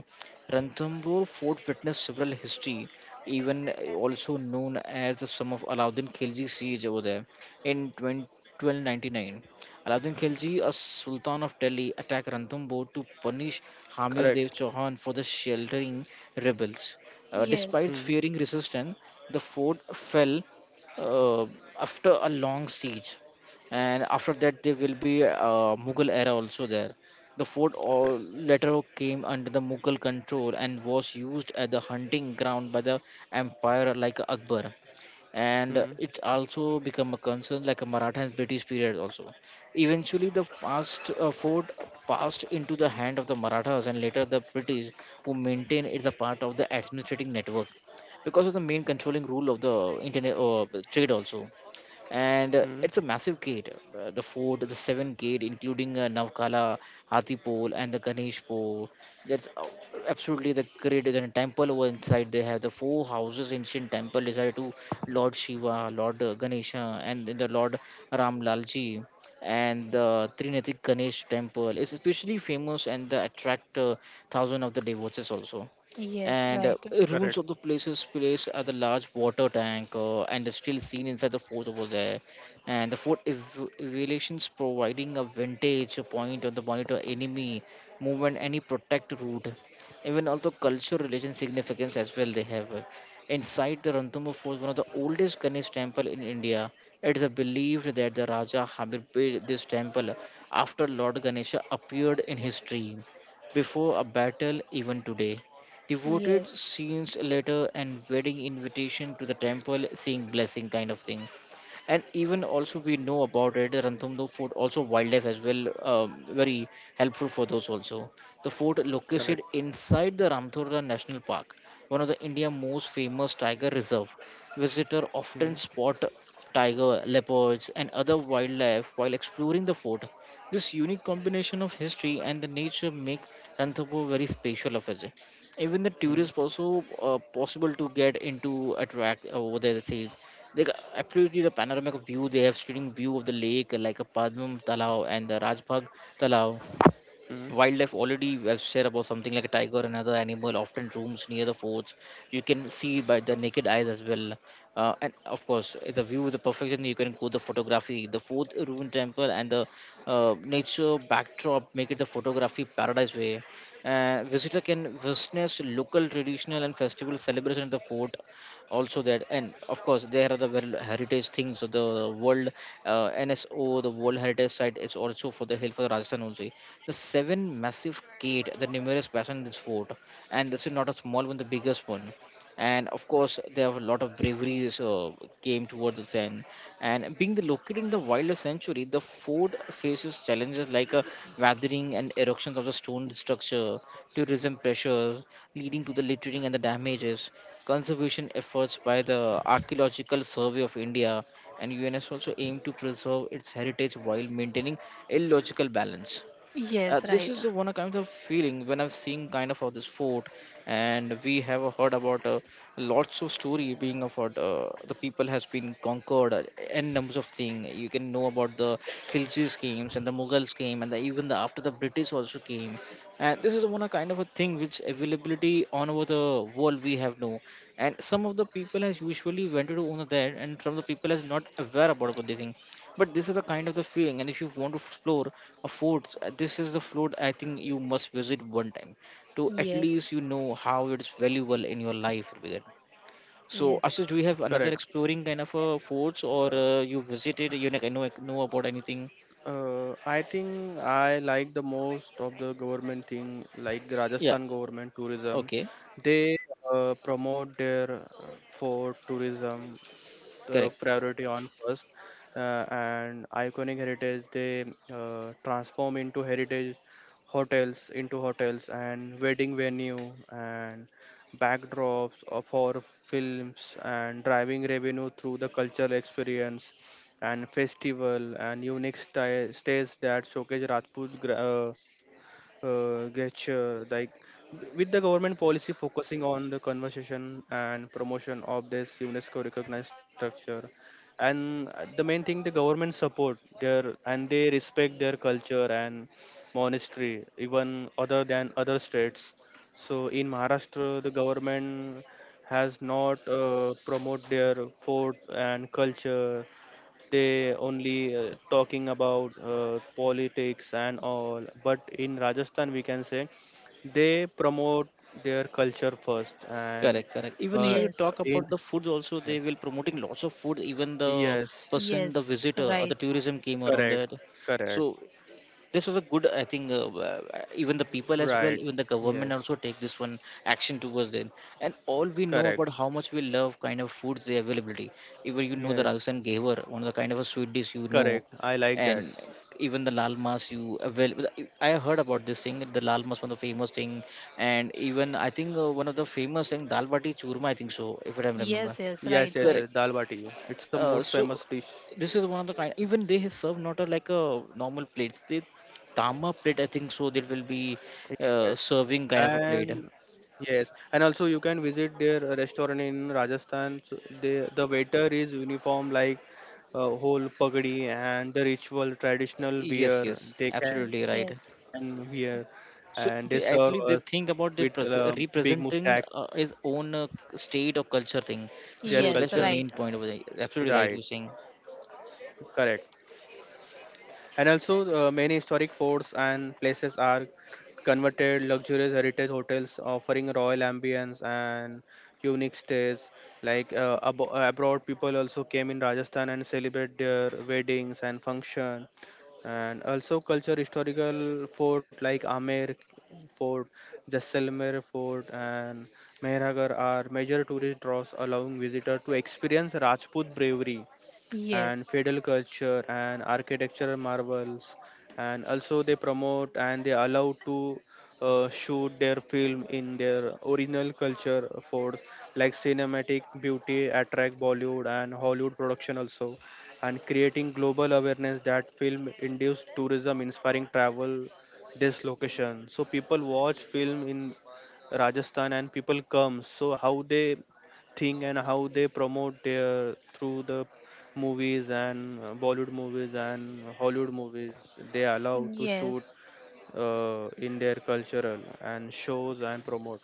Speaker 1: Ranthambore fort witnessed several history, even also known as the sum of Alauddin Khilji siege over there in 20, 1299. Alauddin Khilji, a sultan of Delhi, attacked Ranthambore to punish Hamir
Speaker 3: Correct.
Speaker 1: Dev Chauhan for the sheltering rebels. Uh,
Speaker 2: Yes,
Speaker 1: despite
Speaker 3: Hmm.
Speaker 1: fearing resistance, the fort fell uh, after a long siege. And after that there will be mughal era also there. The fort all
Speaker 3: Correct.
Speaker 1: later came under the mughal control and was used as the hunting ground by the empire like akbar, and
Speaker 3: Hmm.
Speaker 1: it also became a concern like a maratha and british period also. Eventually the past fort passed into the hand of the marathas and later the british, who maintain it as a part of the administrative network because of the main controlling rule of the internet trade also, and
Speaker 3: Hmm.
Speaker 1: it's a massive gate. The fort, the seven gate, including Navkala, Hathipol, and the Ganesh Pole. That's Absolutely the great. There's a temple over inside. They have the four houses, ancient temple decided to Lord Shiva, Lord Ganesha, and the Lord Ram Lalji. And the Trinity Ganesh temple is especially famous and the attract thousand of the devotees also.
Speaker 2: yes,
Speaker 1: And
Speaker 2: right.
Speaker 1: ruins of
Speaker 3: Correct.
Speaker 1: the places place are the large water tank and the still seen inside the fort over there. And the fort evaluations providing a vintage point on the monitor enemy movement any protect route, even also culture relation significance as well they have inside the ranthambore fort, one of the oldest ganesh temple in india. It is believed that the raja hamir built this temple after lord ganesha appeared in his dream before a battle. Even today devoted
Speaker 2: Yes,
Speaker 1: scenes letter and wedding invitation to the temple saying blessing kind of thing. And even also we know about it ranthambore fort also wildlife as well, very helpful for those also. The fort
Speaker 3: Correct.
Speaker 1: located inside the ramthura national park, one of the india most famous tiger reserve. Visitor
Speaker 3: Hmm.
Speaker 1: often spot tiger, leopards and other wildlife while exploring the fort. This unique combination of history and the nature make ranthambore very special of it. Even the
Speaker 3: Hmm.
Speaker 1: tourists also possible to get into attract over there, like absolutely the panoramic view they have, stunning view of the lake like a Padmam Talao and the Rajbagh Talao.
Speaker 3: Hmm.
Speaker 1: Wildlife already I've said about, something like a tiger and other animal often roams near the forts, you can see by the naked eyes as well. And of course the view is the perfection, you can go the photography, the fort ruin temple and the nature backdrop make it the photography paradise way. Visitor can witness local traditional and festival celebration at the fort also, that, and of course there are the very heritage things of the world. Nso the world heritage site is also for the hill for the rajasthan only, the seven massive gate, the numerous basin in this fort, and this is not a small one, the biggest one. And of course, they have a lot of bravery came towards the end. And being the located in the wildest century, the fort faces challenges like weathering and eruptions of the stone structure, tourism pressures, leading to the littering and the damages. Conservation efforts by the Archaeological Survey of India and UNS also aim to preserve its heritage while maintaining a logical balance.
Speaker 2: yes,
Speaker 1: This
Speaker 2: right.
Speaker 1: is one kind of feeling when I've seen kind of this fort, and we have heard about lots of story being about the people has been conquered n numbers of thing. You can know about the Khilji's games and the Mughals came, and the, even the after the British also came. And this is one a kind of a thing which availability on over the world we have no, and some of the people has usually went to on there, and some of the people has not aware about this thing. But this is a kind of the feeling, and if you want to explore a fort, this is the fort I think you must visit one time, to at
Speaker 2: Yes.
Speaker 1: least you know how it's valuable in your life, Brigade. So
Speaker 2: Yes,
Speaker 1: Ashish, do you have another
Speaker 3: Correct.
Speaker 1: exploring kind of forts or
Speaker 3: Uh,
Speaker 1: you visited, you like, know about anything?
Speaker 3: I think I like the most of the government thing, like the
Speaker 1: Yeah.
Speaker 3: Rajasthan government tourism.
Speaker 1: Okay.
Speaker 3: They promote their for tourism, the
Speaker 1: Correct.
Speaker 3: priority on first and iconic heritage. They transform into heritage hotels, into hotels and wedding venue and backdrops of our films, and driving revenue through the cultural experience and festival and unique stays that showcase Rajput gesture, like with the government policy focusing on the conversation and promotion of this UNESCO recognized structure. And the main thing, the government support their and they respect their culture and monastery even other than other states. So in Maharashtra, the government has not promote their fort and culture. They only talking about politics and all. But in Rajasthan, we can say they promote their culture first and
Speaker 1: Correct. Correct, even
Speaker 3: uh,
Speaker 1: you
Speaker 2: yes,
Speaker 1: talk
Speaker 3: in
Speaker 1: about the foods also,
Speaker 3: yes,
Speaker 1: they will promoting lots of food, even the
Speaker 3: yes,
Speaker 1: person, the
Speaker 2: yes,
Speaker 1: visitor or the
Speaker 2: right.
Speaker 1: tourism came around
Speaker 3: correct,
Speaker 1: there.
Speaker 3: correct,
Speaker 1: So this was a good, I think, even the people as well,
Speaker 3: right,
Speaker 1: even the government
Speaker 3: yes,
Speaker 1: also take this one action towards them. And all we know
Speaker 3: correct,
Speaker 1: about how much we love kind of foods, the availability. Even you know the
Speaker 3: yes,
Speaker 1: rajasthan gaver, one of the kind of a sweet dish, you know.
Speaker 3: correct, I like that,
Speaker 1: And even the lal mas you avail, I heard about this thing, the lal mas one of the famous thing. And even I think one of the famous thing dal bati churma, I think, so if I remember
Speaker 2: Yes,
Speaker 3: yes,
Speaker 2: yes,
Speaker 3: yes,
Speaker 2: right,
Speaker 3: yes.
Speaker 2: right.
Speaker 1: correct.
Speaker 3: Dal bati, it's a most
Speaker 1: So
Speaker 3: famous dish.
Speaker 1: this is one of the kind. Even they serve not a, like a normal plates. They tama plate, I think. So they will be
Speaker 3: Yes.
Speaker 1: serving kind of a plate.
Speaker 3: And yes, and also you can visit their restaurant in Rajasthan. So they, the waiter is uniform, like whole pagdi and the ritual traditional
Speaker 1: Yes,
Speaker 3: wear
Speaker 1: yes,
Speaker 3: they can
Speaker 1: absolutely right.
Speaker 3: wear,
Speaker 2: Yes,
Speaker 3: and they serve us
Speaker 1: So they actually
Speaker 3: with
Speaker 1: they think about the
Speaker 3: big mustache.
Speaker 1: representing his own state or culture
Speaker 3: Their
Speaker 1: thing.
Speaker 3: culture,
Speaker 1: So
Speaker 2: yes,
Speaker 1: that's the
Speaker 2: right.
Speaker 1: main point over there.
Speaker 3: right?
Speaker 1: Absolutely right, you're saying.
Speaker 3: Correct. And also, many historic forts and places are converted luxurious heritage hotels offering royal ambience and unique stays. Like abroad, people also came in Rajasthan and celebrate their weddings and function. And also, culture historical fort like Amer Fort, Jaisalmer Fort, and Mehrgarh are major tourist draws, allowing visitor to experience Rajput bravery and
Speaker 2: Yes,
Speaker 3: feudal culture and architectural marvels. And also they promote and they allow to shoot their film in their original culture, for like cinematic beauty, attract Bollywood and Hollywood production also, and creating global awareness that film induced tourism inspiring travel this location. So people watch film in Rajasthan and people come. So how they think and how they promote their through the movies and Bollywood movies and Hollywood movies, they allow to shoot
Speaker 2: yes,
Speaker 3: in their cultural and shows and promote.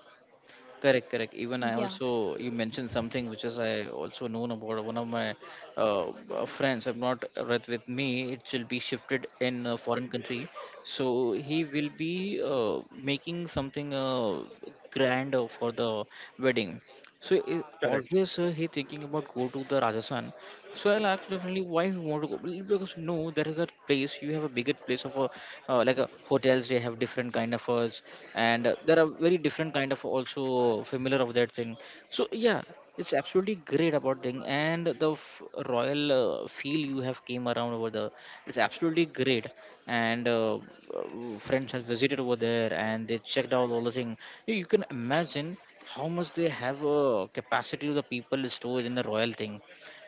Speaker 1: Correct, correct. Even I
Speaker 2: yeah,
Speaker 1: also you mentioned something which is I also known about one of my friends. I'm not right with me. It will be shifted in a foreign country, so he will be making something grand for the wedding. So I
Speaker 3: Correct.
Speaker 1: always he thinking about go to the Rajasthan. So I'll ask definitely why you want to go. Well, because no, there is a place you have a bigger place of a like a hotels, they have different kind of and there are very different kind of also familiar of that thing. So yeah, it's absolutely great about thing, and the royal feel you have came around over there. It's absolutely great, and friends has visited over there and they checked out all the thing. You can imagine how much they have capacity of the people stored in the royal thing,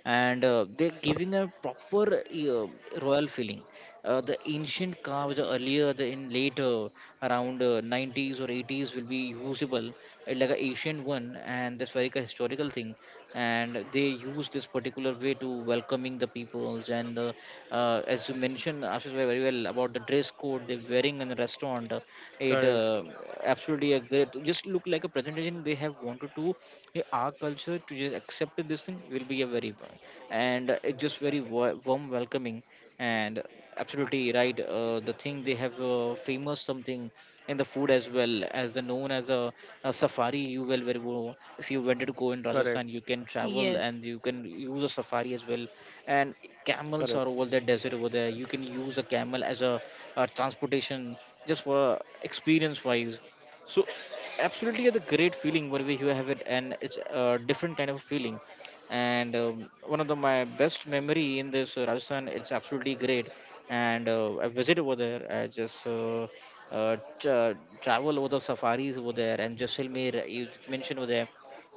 Speaker 1: and they're giving a proper royal feeling. The ancient carves earlier, the in later around '90s or '80s will be usable like a ancient one, and that's very like a historical thing. And they use this particular way to welcoming the peoples. And As you mentioned, Ashish bhai, very well about the dress code they're wearing in the restaurant.
Speaker 3: Correct,
Speaker 1: It absolutely a great, just look like a presentation they have wanted to, yeah, our culture to just accept this thing will be a very and it just very warm welcoming. And absolutely right, the thing they have famous something in the food as well as the known as a safari. You will very well if you wanted to go in
Speaker 3: correct,
Speaker 1: rajasthan, you can travel and
Speaker 2: yes,
Speaker 1: you can use a safari as well. And camels
Speaker 3: correct.
Speaker 1: are over there, desert over there, you can use a camel as a transportation just for experience wise. So absolutely the great feeling whenever you have it, and it's a different kind of feeling. And one of the my best memory in this rajasthan it's absolutely great, and I visit over there, I just uh, tra- travel over the safaris over there and jaisalmer. You mentioned over there,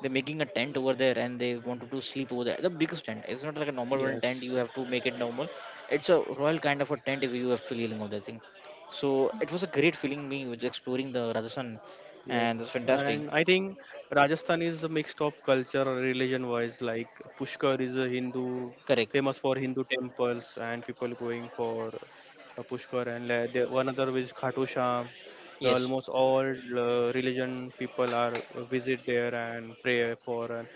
Speaker 1: they're making a tent over there and they wanted to sleep over there, the biggest tent, it's not like a normal one tent
Speaker 3: Yes.
Speaker 1: you have to make it normal. It's a royal kind of a tent if you are feeling on that thing. So it was a great feeling me with exploring the rajasthan,
Speaker 3: Yeah,
Speaker 1: and that's
Speaker 3: and
Speaker 1: fantastic.
Speaker 3: I think Rajasthan is a mix of culture, religion wise. Like Pushkar is a Hindu,
Speaker 1: Correct.
Speaker 3: famous for Hindu temples and people going for Pushkar. And the, one other is Khatu Sham. The
Speaker 1: Yes.
Speaker 3: almost all religion people are visit there and pray for. And,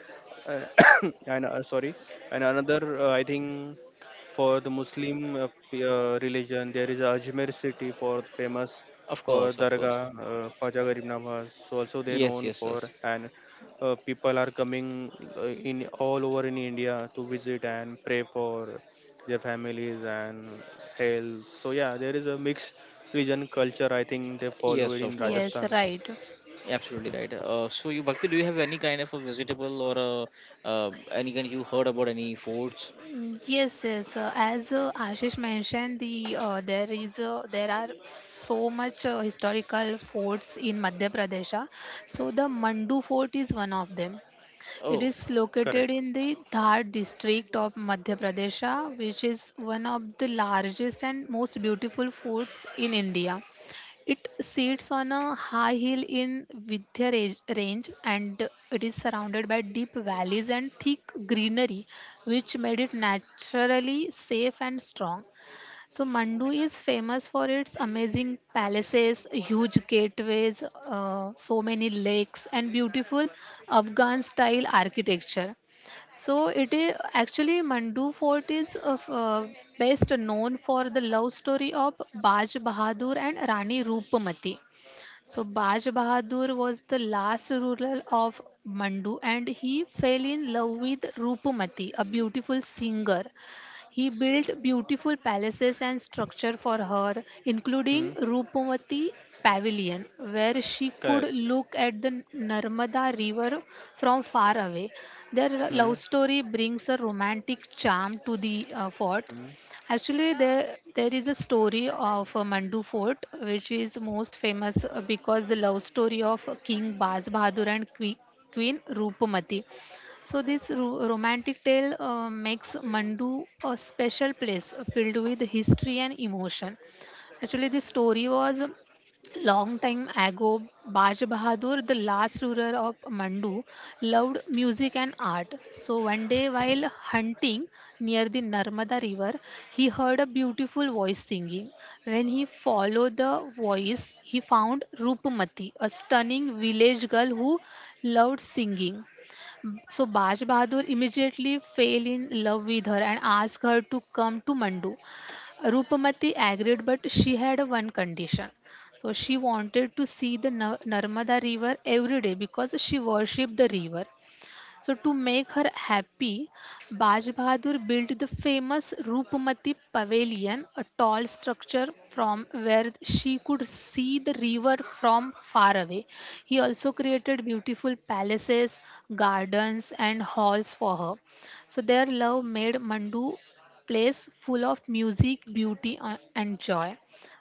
Speaker 3: uh, and sorry, and another I think for the Muslim religion, there is Ajmer city for famous
Speaker 1: Of
Speaker 3: for
Speaker 1: course. Of course.
Speaker 3: Dargah, Khwaja Garib Nawaz. So also they
Speaker 1: Yes.
Speaker 3: known
Speaker 1: Yes. Yes.
Speaker 3: for. And people are coming in all over in India to visit and pray for their families and health. So yeah, there is a mixed region culture, I think they follow it
Speaker 1: Yes.
Speaker 3: in
Speaker 1: Of course.
Speaker 2: yes,
Speaker 3: Rajasthan.
Speaker 2: right.
Speaker 1: Absolutely right. So you, Bhakti, do you have any kind of a vegetable or a, any kind you heard about any foods?
Speaker 2: Mm, yes, yes. As Ashish mentioned, the there are so much historical forts in Madhya Pradesh. So the Mandu Fort is one of them. It
Speaker 1: Oh.
Speaker 2: is
Speaker 3: Correct.
Speaker 2: located in the Dhar district of Madhya Pradesh, which is one of the largest and most beautiful forts in India. It sits on a high hill in Vindhya range and it is surrounded by deep valleys and thick greenery, which made it naturally safe and strong. So Mandu is famous for its amazing palaces, huge gateways, so many lakes, and beautiful Afghan style architecture. So it is actually Mandu Fort is best known for the love story of Baj Bahadur and Rani Rupamati. So Baj Bahadur was the last ruler of Mandu and he fell in love with Rupamati, a beautiful singer. He built beautiful palaces and structure for her, including
Speaker 3: Hmm.
Speaker 2: Rupamati Pavilion, where she
Speaker 3: Correct.
Speaker 2: could look at the Narmada River from far away. Their
Speaker 3: Hmm.
Speaker 2: love story brings a romantic charm to the fort.
Speaker 3: Hmm.
Speaker 2: Actually, there is a story of Mandu Fort, which is most famous because the love story of King Baz Bahadur and Queen Rupamati. So this romantic tale makes Mandu a special place filled with history and emotion. Actually, the story was: long time ago, Baj Bahadur, the last ruler of Mandu, loved music and art. So one day, while hunting near the Narmada river, he heard a beautiful voice singing. When he followed the voice, he found Rupmati, a stunning village girl who loved singing. Mm, so Baj Bahadur immediately fell in love with her and asked her to come to Mandu. Rupamati agreed, but she had one condition. So she wanted to see the Narmada river every day because she worshipped the river. So to make her happy, Baj Bahadur built the famous Rupmati Pavilion, a tall structure from where she could see the river from far away. He also created beautiful palaces, gardens, and halls for her. So their love made Mandu place full of music, beauty, and joy.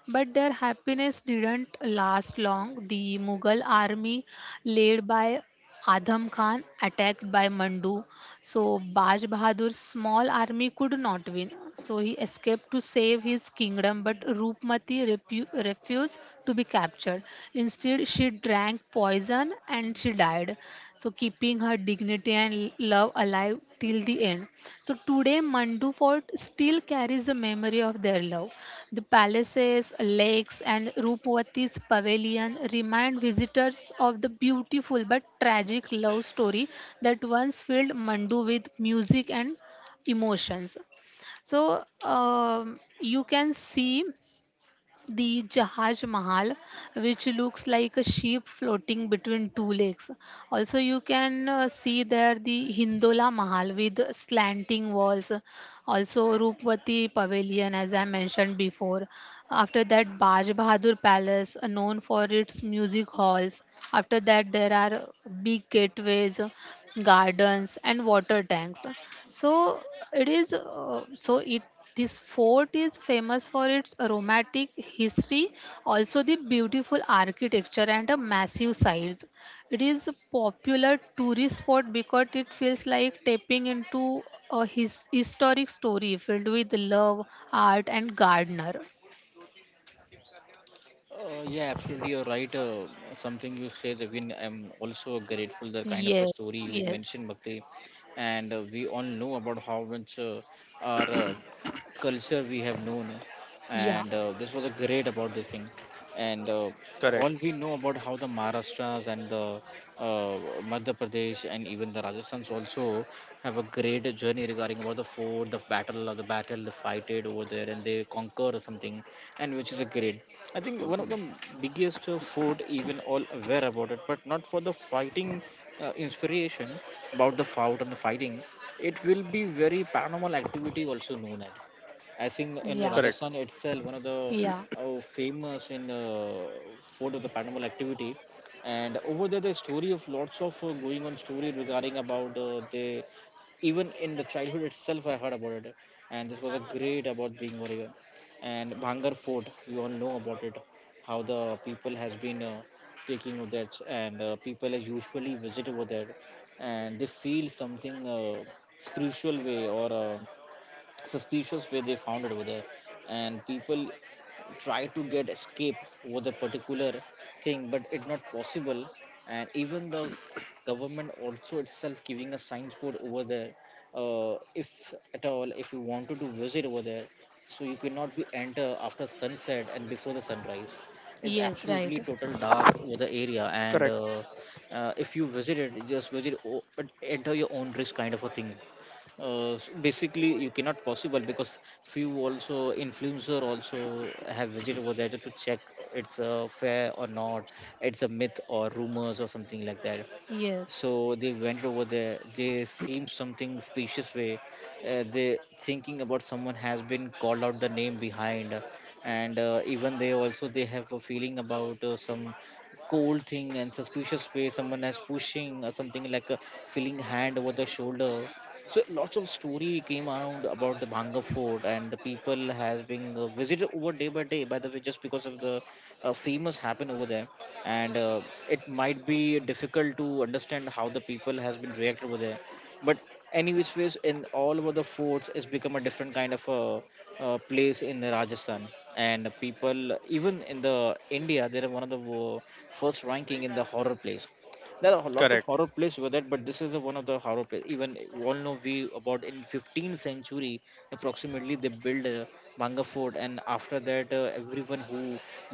Speaker 2: But their happiness didn't last long. The Mughal army, led by Adham Khan, attacked by Mandu. So Baj Bahadur's small army could not win. So he escaped to save his kingdom, but Rupmati refused to be captured. Instead, she drank poison and she died. So, keeping her dignity and love alive till the end. So, today, Mandu Fort still carries the memory of their love. The palaces, lakes, and Rupavati's pavilion remind visitors of the beautiful but tragic love story that once filled Mandu with music and emotions. So, um, you can see the Jahaj Mahal, which looks like a sheep floating between two lakes. Also, you can see there the Hindola Mahal with slanting walls. Also, Rupvati Pavilion, as I mentioned before. After that, Baj Bahadur Palace, known for its music halls. After that, there are big gateways, gardens, and water tanks. So it is so it this fort is famous for its romantic history, also the beautiful architecture and a massive size. It is a popular tourist spot because it feels like tapping into a historic story filled with love, art, and gardener.
Speaker 1: Yeah, absolutely, you're right. Something you said, Ravin, I'm also grateful the kind of a
Speaker 2: Yes,
Speaker 1: story you
Speaker 2: yes,
Speaker 1: mentioned, Bhakti, and we all know about how much our culture we have known,
Speaker 2: yeah,
Speaker 1: and this was a great about the thing, and
Speaker 3: Correct,
Speaker 1: all we know about how the Maharashtras and the uh, Madhya Pradesh and even the Rajasthans also have a great journey regarding about the fort, the battle of the battle, they fight it over there, and they conquer something, and which is a great. I think one of the biggest food even all aware about it, but not for the fighting inspiration about the fight and the fighting. It will be very paranormal activity also known as. I think in
Speaker 2: yeah,
Speaker 3: correct,
Speaker 1: Rajasthan itself, one of the
Speaker 2: yeah,
Speaker 1: famous in fort of the paranormal activity, and over there the story of lots of going on story regarding about they, even in the childhood itself I heard about it, and this was a great about being warrior. And Bhangar Fort. You all know about it, how the people has been taking of that, and people as usually visit over there and they feel something spiritual way or suspicious way they found it over there and people try to get escape over the particular thing, but it's not possible. And even the government also itself giving a signboard over there. If at all if you wanted to visit over there, so you cannot be enter after sunset and before the sunrise. It's
Speaker 2: yes, right,
Speaker 1: absolutely total dark over the area, and
Speaker 3: correct,
Speaker 1: if you visit it just but enter your own risk kind of a thing. Basically you cannot possible because few also influencer also have visited over there just to check it's fair or not, it's a myth or rumors or something like that.
Speaker 2: yes,
Speaker 1: So they went over there, they seem something specious way. They thinking about someone has been called out the name behind, and even they also they have a feeling about some cold thing and suspicious way someone has pushing or something like a feeling hand over the shoulder. So lots of story came around about the bhanga fort and the people has been visited over day by day by the way just because of the famous happen over there. And It might be difficult to understand how the people has been reacted over there, but any which ways in all over the forts it's become a different kind of a, place in Rajasthan. And people even in the India, they're one of the first ranking in the horror place. There are lots of
Speaker 3: correct,
Speaker 1: horror plays with that, but this is the one of the horror plays. Even all know we about in 15th century approximately they build a manga fort, and after that everyone who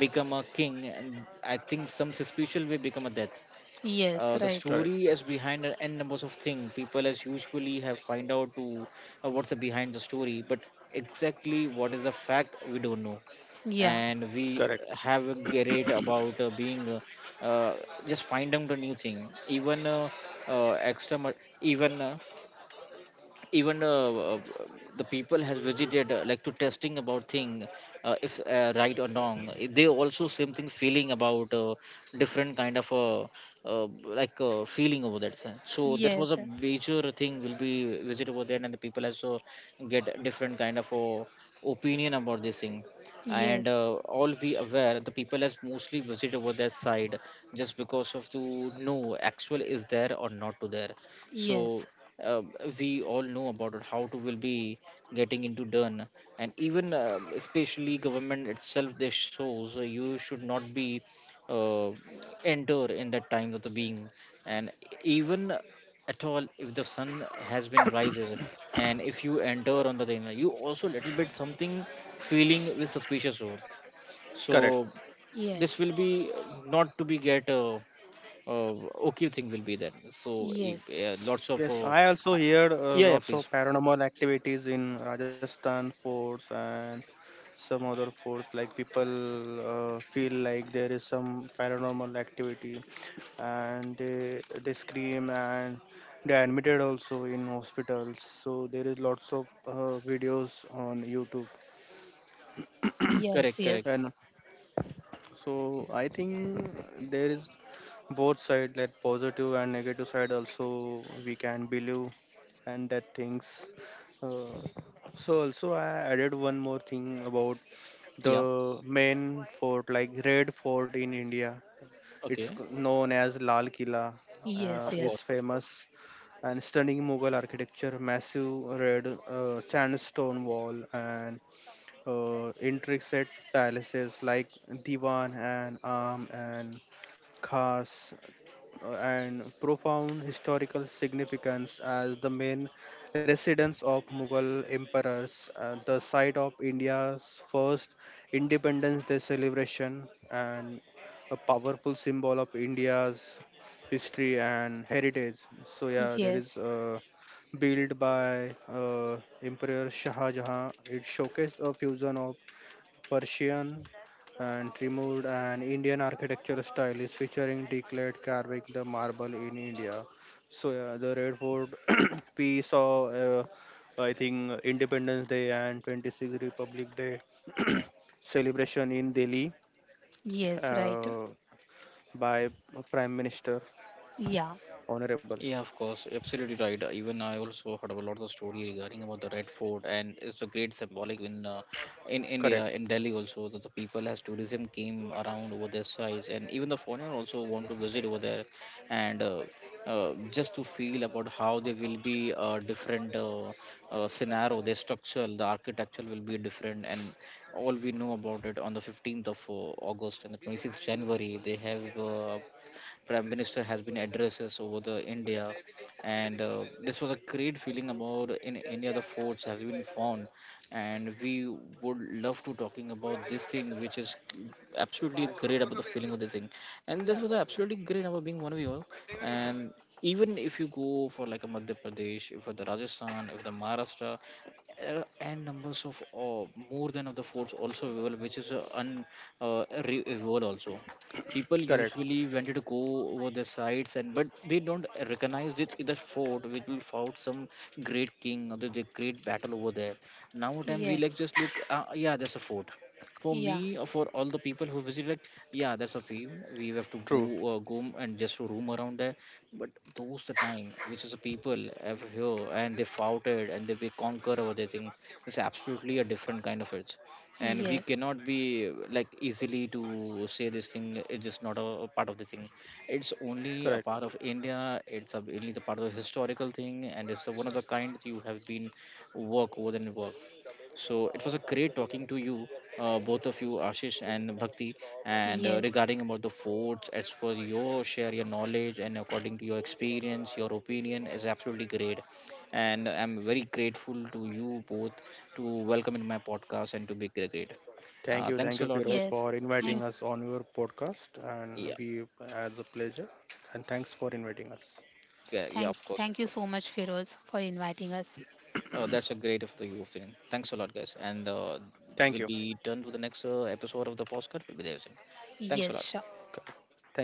Speaker 1: become a king and I think some suspicious way become a death.
Speaker 2: yes,
Speaker 1: The
Speaker 2: right,
Speaker 3: correct,
Speaker 1: story is behind an n numbers of things, people as usually have find out to what's the behind the story, but exactly what is the fact we don't know.
Speaker 2: yeah,
Speaker 1: And we
Speaker 3: correct,
Speaker 1: have a great about being uh, just find out a new thing. Even extra ma- even even uh, the people has visited like to testing about thing, if right or wrong. Eh, they also same thing feeling about different kind of feeling over that thing. So that was a
Speaker 2: yes,
Speaker 1: major thing will be visit over there, and the people also get different kind of opinion about this thing. And
Speaker 2: yes.
Speaker 1: All we aware the people has mostly visit over that side just because of to know actual is there or not to there.
Speaker 2: Yes,
Speaker 1: So uh, we all know about it, how to will be getting into done. And even especially government itself they shows you should not be uh, enter in that time of the being. And even at all if the sun has been rises, and if you enter on the thing, you also little bit something feeling with suspicious zone.
Speaker 3: correct.
Speaker 1: So
Speaker 2: yes,
Speaker 1: this will be not to be get uh, okay thing will be there. So if,
Speaker 2: yes,
Speaker 1: lots of
Speaker 3: Yes, I also heard
Speaker 1: yeah, yeah,
Speaker 3: lots
Speaker 1: please,
Speaker 3: of paranormal activities in Rajasthan forts and some other forts. Like people feel like there is some paranormal activity, and they scream and they are admitted also in hospitals. So there is lots of videos on YouTube.
Speaker 2: yes,
Speaker 1: correct, correct,
Speaker 2: yes,
Speaker 3: And so I think there is both side, like positive and negative side. Also, we can believe and that things. Uh, so also I added one more thing about
Speaker 1: yeah,
Speaker 3: the main fort, like Red Fort in India. It's
Speaker 1: okay,
Speaker 3: known as Lal Kila.
Speaker 2: yes,
Speaker 1: of
Speaker 3: Is
Speaker 2: yes,
Speaker 1: course, of course.
Speaker 3: famous and stunning Mughal architecture, massive red sandstone wall, and intricate palaces like Diwan and Am and Khas, and profound historical significance as the main residence of Mughal emperors, the site of India's first Independence Day celebration, and a powerful symbol of India's history and heritage. So yeah, there
Speaker 2: yes,
Speaker 3: is built by Emperor Shah Jahan. It showcased a fusion of Persian and removed and Indian architectural style, is featuring declared carving the marble in India. So yeah, the Red Fort, we saw I think Independence Day and 26th Republic Day celebration in Delhi
Speaker 2: yes, right.
Speaker 3: uh, by Prime Minister
Speaker 2: Yeah,
Speaker 3: Honorable.
Speaker 1: Yeah, of course, absolutely right. Even I also heard about a lot of story regarding about the Red Fort, and it's a great symbolic in
Speaker 3: Correct,
Speaker 1: India, in Delhi also, that the people as tourism came around over their size, and even the foreigner also want to visit over there, and just to feel about how they will be different scenario, their structure, the architecture will be different, and all we know about it on the 15th of August and the 26th January, they have. Prime minister has been addresses over the India. And This was a great feeling about in any other forts have been found, and we would love to talking about this thing, which is absolutely great about the feeling of this thing. And this was absolutely great about being one of you all. And even if you go for like a Madhya Pradesh for the Rajasthan if the Maharashtra, uh, and numbers of uh, more than of the forts also available, which is available also. People
Speaker 3: correct,
Speaker 1: usually wanted to go over the sites and but they don't recognize this the fort which will fought some great king or the great battle over there. Now time we like
Speaker 2: yes,
Speaker 1: just look, yeah, there's a fort for
Speaker 2: yeah,
Speaker 1: me or for all the people who visit, like, yeah, that's a view. We have to
Speaker 3: true,
Speaker 1: go, and just roam around there. But those the time which is the people have here and they fought it, and they conquer over the thing. It's absolutely a different kind of it, and we
Speaker 2: yes,
Speaker 1: cannot be like easily to say this thing. It's just not a part of the thing. It's only a
Speaker 3: correct.
Speaker 1: part of India. It's a, only the part of the historical thing, and it's a one of the kind you have been work over than work. So it was a great talking to you, both of you, Ashish and Bhakti, and
Speaker 2: yes,
Speaker 1: regarding about the forts. As for your share, your knowledge, and according to your experience, your opinion is absolutely great, and I'm very grateful to you both to welcome in my podcast and to be great.
Speaker 3: Thank
Speaker 1: Thanks
Speaker 3: you,
Speaker 1: a lot, guys.
Speaker 3: Feroz,
Speaker 2: yes.
Speaker 3: for
Speaker 1: Yeah,
Speaker 2: Thank,
Speaker 3: inviting us on your podcast,
Speaker 1: yeah,
Speaker 3: and we as a pleasure. And thanks for inviting us.
Speaker 1: yeah, yeah, of course.
Speaker 2: Thank
Speaker 1: Of
Speaker 2: you
Speaker 1: course.
Speaker 2: so much, Feroz, for inviting us.
Speaker 1: Oh, that's a great of the youth thing. Thanks a lot, guys. And
Speaker 3: Thank you.
Speaker 1: we'll be done to the next episode of the podcast. We'll be there soon. Thanks a
Speaker 2: Yes,
Speaker 1: lot.
Speaker 2: sure.
Speaker 3: Thank you.